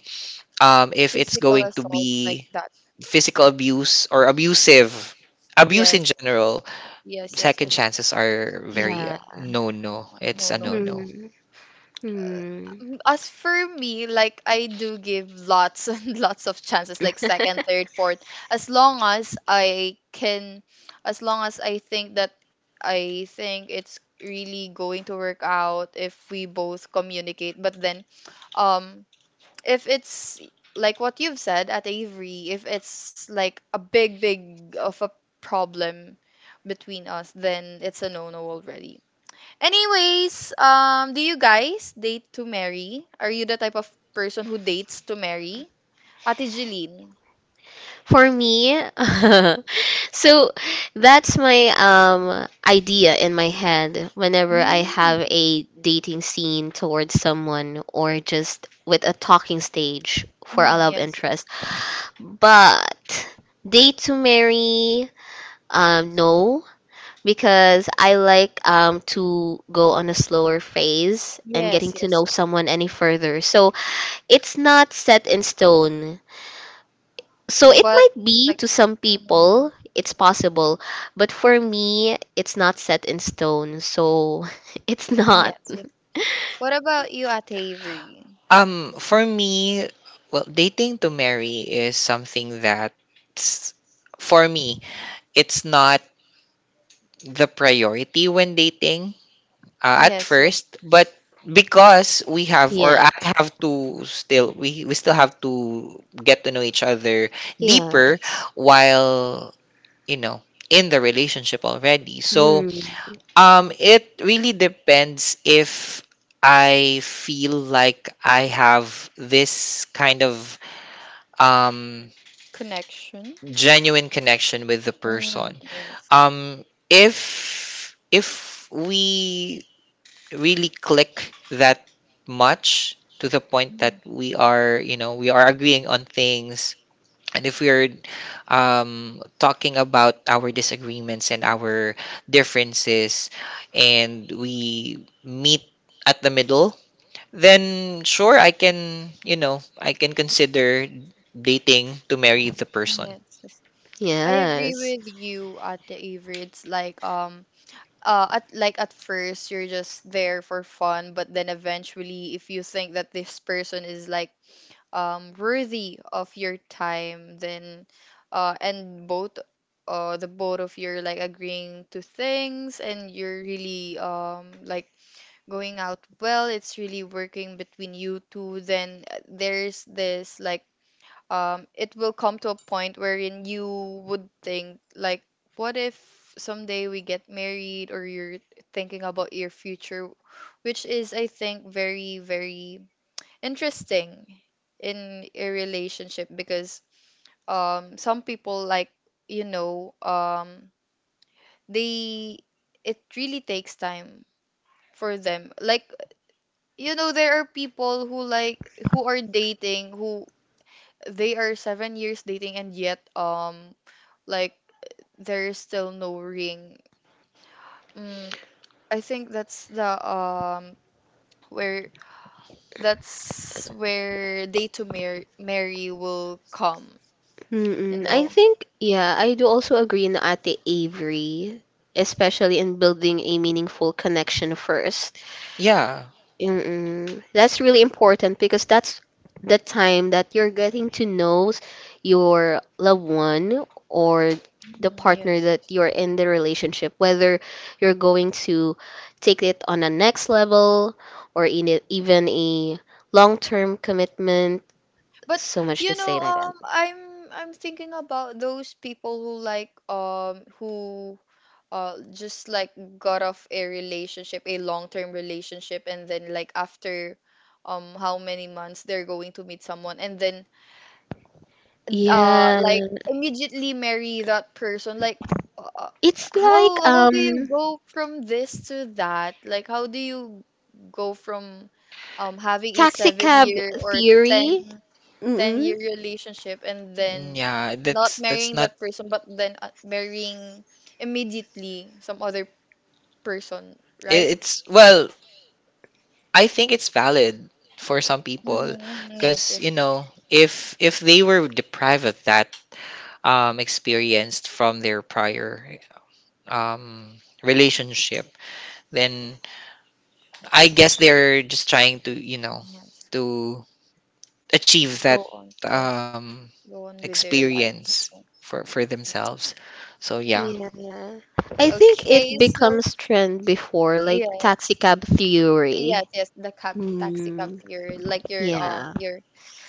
[SPEAKER 2] um if it's
[SPEAKER 1] physical
[SPEAKER 2] going to
[SPEAKER 1] assault, like
[SPEAKER 2] be
[SPEAKER 1] that,
[SPEAKER 2] physical abuse, or abusive abuse in
[SPEAKER 1] yes,
[SPEAKER 2] general,
[SPEAKER 1] yes, yes,
[SPEAKER 2] second
[SPEAKER 1] yes.
[SPEAKER 2] chances are very
[SPEAKER 3] Yeah.
[SPEAKER 2] no no.
[SPEAKER 1] Oh,
[SPEAKER 2] It's
[SPEAKER 1] no,
[SPEAKER 2] a no
[SPEAKER 1] no.
[SPEAKER 2] no.
[SPEAKER 3] Hmm.
[SPEAKER 1] uh,
[SPEAKER 3] Hmm.
[SPEAKER 1] um, as for me, like, I do give lots <laughs> and lots of chances, like second,
[SPEAKER 3] <laughs>
[SPEAKER 1] third, fourth, as long as I can, as long as I think that I think it's really going to work out if we both communicate. But then, um, if it's like what you've said, at Avery, if it's like a big, big of a problem between us, then it's a no no already. Anyways, um, do you guys date to marry? Are you the type of person who dates to marry? Ate Jeline.
[SPEAKER 3] For me, <laughs> so that's my um idea in my head whenever I have
[SPEAKER 1] Mm.
[SPEAKER 3] a dating scene towards someone or just with a talking stage for a
[SPEAKER 1] Mm,
[SPEAKER 3] love
[SPEAKER 1] yes,
[SPEAKER 3] interest. But date to marry, um, no, because I like um to go on a slower phase and getting
[SPEAKER 1] yes,
[SPEAKER 3] to
[SPEAKER 1] yes. Yes.
[SPEAKER 3] know someone any further. So it's not set in stone, so it
[SPEAKER 1] But
[SPEAKER 3] might be
[SPEAKER 1] like,
[SPEAKER 3] to some
[SPEAKER 1] mm,
[SPEAKER 3] people it's possible, but for me it's not set in stone. So <laughs> it's not.
[SPEAKER 1] yes, yes. What about you, Ate Avery?
[SPEAKER 2] Um for me, well, dating to marry is something that, for me, it's not the priority when dating, uh, at
[SPEAKER 1] Yes, yes.
[SPEAKER 2] first, but because we have,
[SPEAKER 3] Yeah.
[SPEAKER 2] or I have to still, we we still have to get to know each other deeper
[SPEAKER 3] Yes.
[SPEAKER 2] while, you know, in the relationship already. So
[SPEAKER 3] Hmm.
[SPEAKER 2] um it really depends if I feel like I have this kind of um
[SPEAKER 1] Connection.
[SPEAKER 2] genuine connection with the
[SPEAKER 1] Mm,
[SPEAKER 2] person.
[SPEAKER 1] yes.
[SPEAKER 2] Um if if we really click that much to the point that
[SPEAKER 1] Mm,
[SPEAKER 2] we are, you know, we are agreeing on things. And if we're um, talking about our disagreements and our differences, and we meet at the middle, then sure, I can, you know, I can consider dating to marry the person.
[SPEAKER 1] yes, yes. I agree
[SPEAKER 3] Yes.
[SPEAKER 1] with you, Ate Avery. It's like um uh at like at first, you're just there for fun, but then eventually, if you think that this person is like um worthy of your time, then uh and both uh the both of you are like agreeing to things, and you're really, um like, going out well, it's really working between you two, then uh, there's this, like, um, it will come to a point wherein you would think, like, what if someday we get married, or you're thinking about your future, which is, I think, very very interesting in a relationship. Because um some people, like, you know um they, it really takes time for them, like, you know. There are people who, like, who are dating, who they are seven years dating, and yet um like there is still no ring. Mm, I think that's the um where that's where day to mar- marry will come you
[SPEAKER 3] Mm-mm. I
[SPEAKER 1] know
[SPEAKER 3] think, yeah, I do also agree in Ate Avery, especially in building a meaningful connection first.
[SPEAKER 2] Yeah.
[SPEAKER 3] Mm-mm. That's really important because that's the time that you're getting to know your loved one or the
[SPEAKER 1] Mm,
[SPEAKER 3] partner
[SPEAKER 1] yes,
[SPEAKER 3] that
[SPEAKER 1] yes.
[SPEAKER 3] you're in the relationship, whether you're going to take it on a next level or in it, even a long-term commitment.
[SPEAKER 1] But
[SPEAKER 3] So much
[SPEAKER 1] you
[SPEAKER 3] to
[SPEAKER 1] know
[SPEAKER 3] say like that.
[SPEAKER 1] um i'm i'm thinking about those people who, like um who uh just like got off a relationship, a long-term relationship, and then, like, after um how many months they're going to meet someone, and then uh
[SPEAKER 3] Yeah,
[SPEAKER 1] like immediately marry that person, like uh,
[SPEAKER 3] it's like
[SPEAKER 1] how how do you
[SPEAKER 3] um
[SPEAKER 1] go from this to that, like how do you go from um having a
[SPEAKER 3] taxi
[SPEAKER 1] seven
[SPEAKER 3] cab
[SPEAKER 1] year or
[SPEAKER 3] theory.
[SPEAKER 1] ten ten
[SPEAKER 3] Mm-mm.
[SPEAKER 1] year relationship, and
[SPEAKER 2] Mm,
[SPEAKER 1] then
[SPEAKER 2] yeah,
[SPEAKER 1] not
[SPEAKER 2] that's that's
[SPEAKER 1] marrying
[SPEAKER 2] not.
[SPEAKER 1] that person, but then uh, marrying immediately some other person, right?
[SPEAKER 2] i- It's, well, I think it's valid for some people,
[SPEAKER 1] Mm-hmm, yes,
[SPEAKER 2] because you
[SPEAKER 1] yes,
[SPEAKER 2] know, if if they were deprived of that um, experience from their prior um, relationship, then I guess they're just trying to, you know,
[SPEAKER 1] yes.
[SPEAKER 2] to achieve
[SPEAKER 1] Go
[SPEAKER 2] that
[SPEAKER 1] on, yes.
[SPEAKER 2] um,
[SPEAKER 1] Go on with their lives.
[SPEAKER 2] experience for for themselves. So yeah,
[SPEAKER 1] Mm.
[SPEAKER 3] Yeah. I think it
[SPEAKER 1] Okay, so
[SPEAKER 3] becomes trend before, like
[SPEAKER 1] yeah.
[SPEAKER 3] taxi cab
[SPEAKER 1] Yes,
[SPEAKER 3] theory.
[SPEAKER 1] yes, the cab taxi cab
[SPEAKER 3] Mm,
[SPEAKER 1] theory. Like, you're um
[SPEAKER 3] yeah.
[SPEAKER 1] you're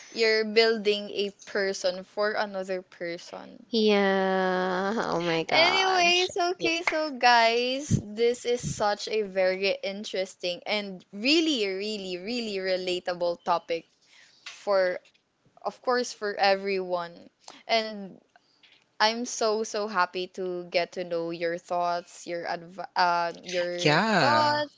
[SPEAKER 1] you're building a person for another person.
[SPEAKER 3] Yeah. Oh my gosh.
[SPEAKER 1] Anyways,
[SPEAKER 3] Yeah.
[SPEAKER 1] okay, so guys, this is such a very interesting and really, really, really relatable topic for of course, for everyone. And I'm so so happy to get to know your thoughts, your adv- um your
[SPEAKER 2] yeah.
[SPEAKER 1] thoughts,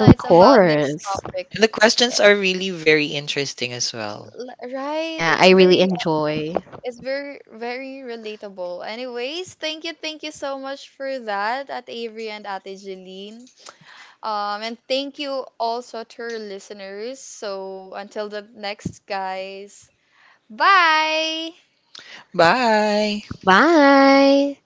[SPEAKER 3] Of
[SPEAKER 1] about this
[SPEAKER 3] course.
[SPEAKER 1] topic.
[SPEAKER 2] And the questions are really very interesting as well.
[SPEAKER 1] L- Right,
[SPEAKER 3] Yeah,
[SPEAKER 1] it's
[SPEAKER 3] I really
[SPEAKER 1] very,
[SPEAKER 3] enjoy.
[SPEAKER 1] it's very very relatable. Anyways, thank you thank you so much for that, at Avery and at Jeline. Um and thank you also to our listeners. So until the next, guys. Bye.
[SPEAKER 2] Bye.
[SPEAKER 3] Bye.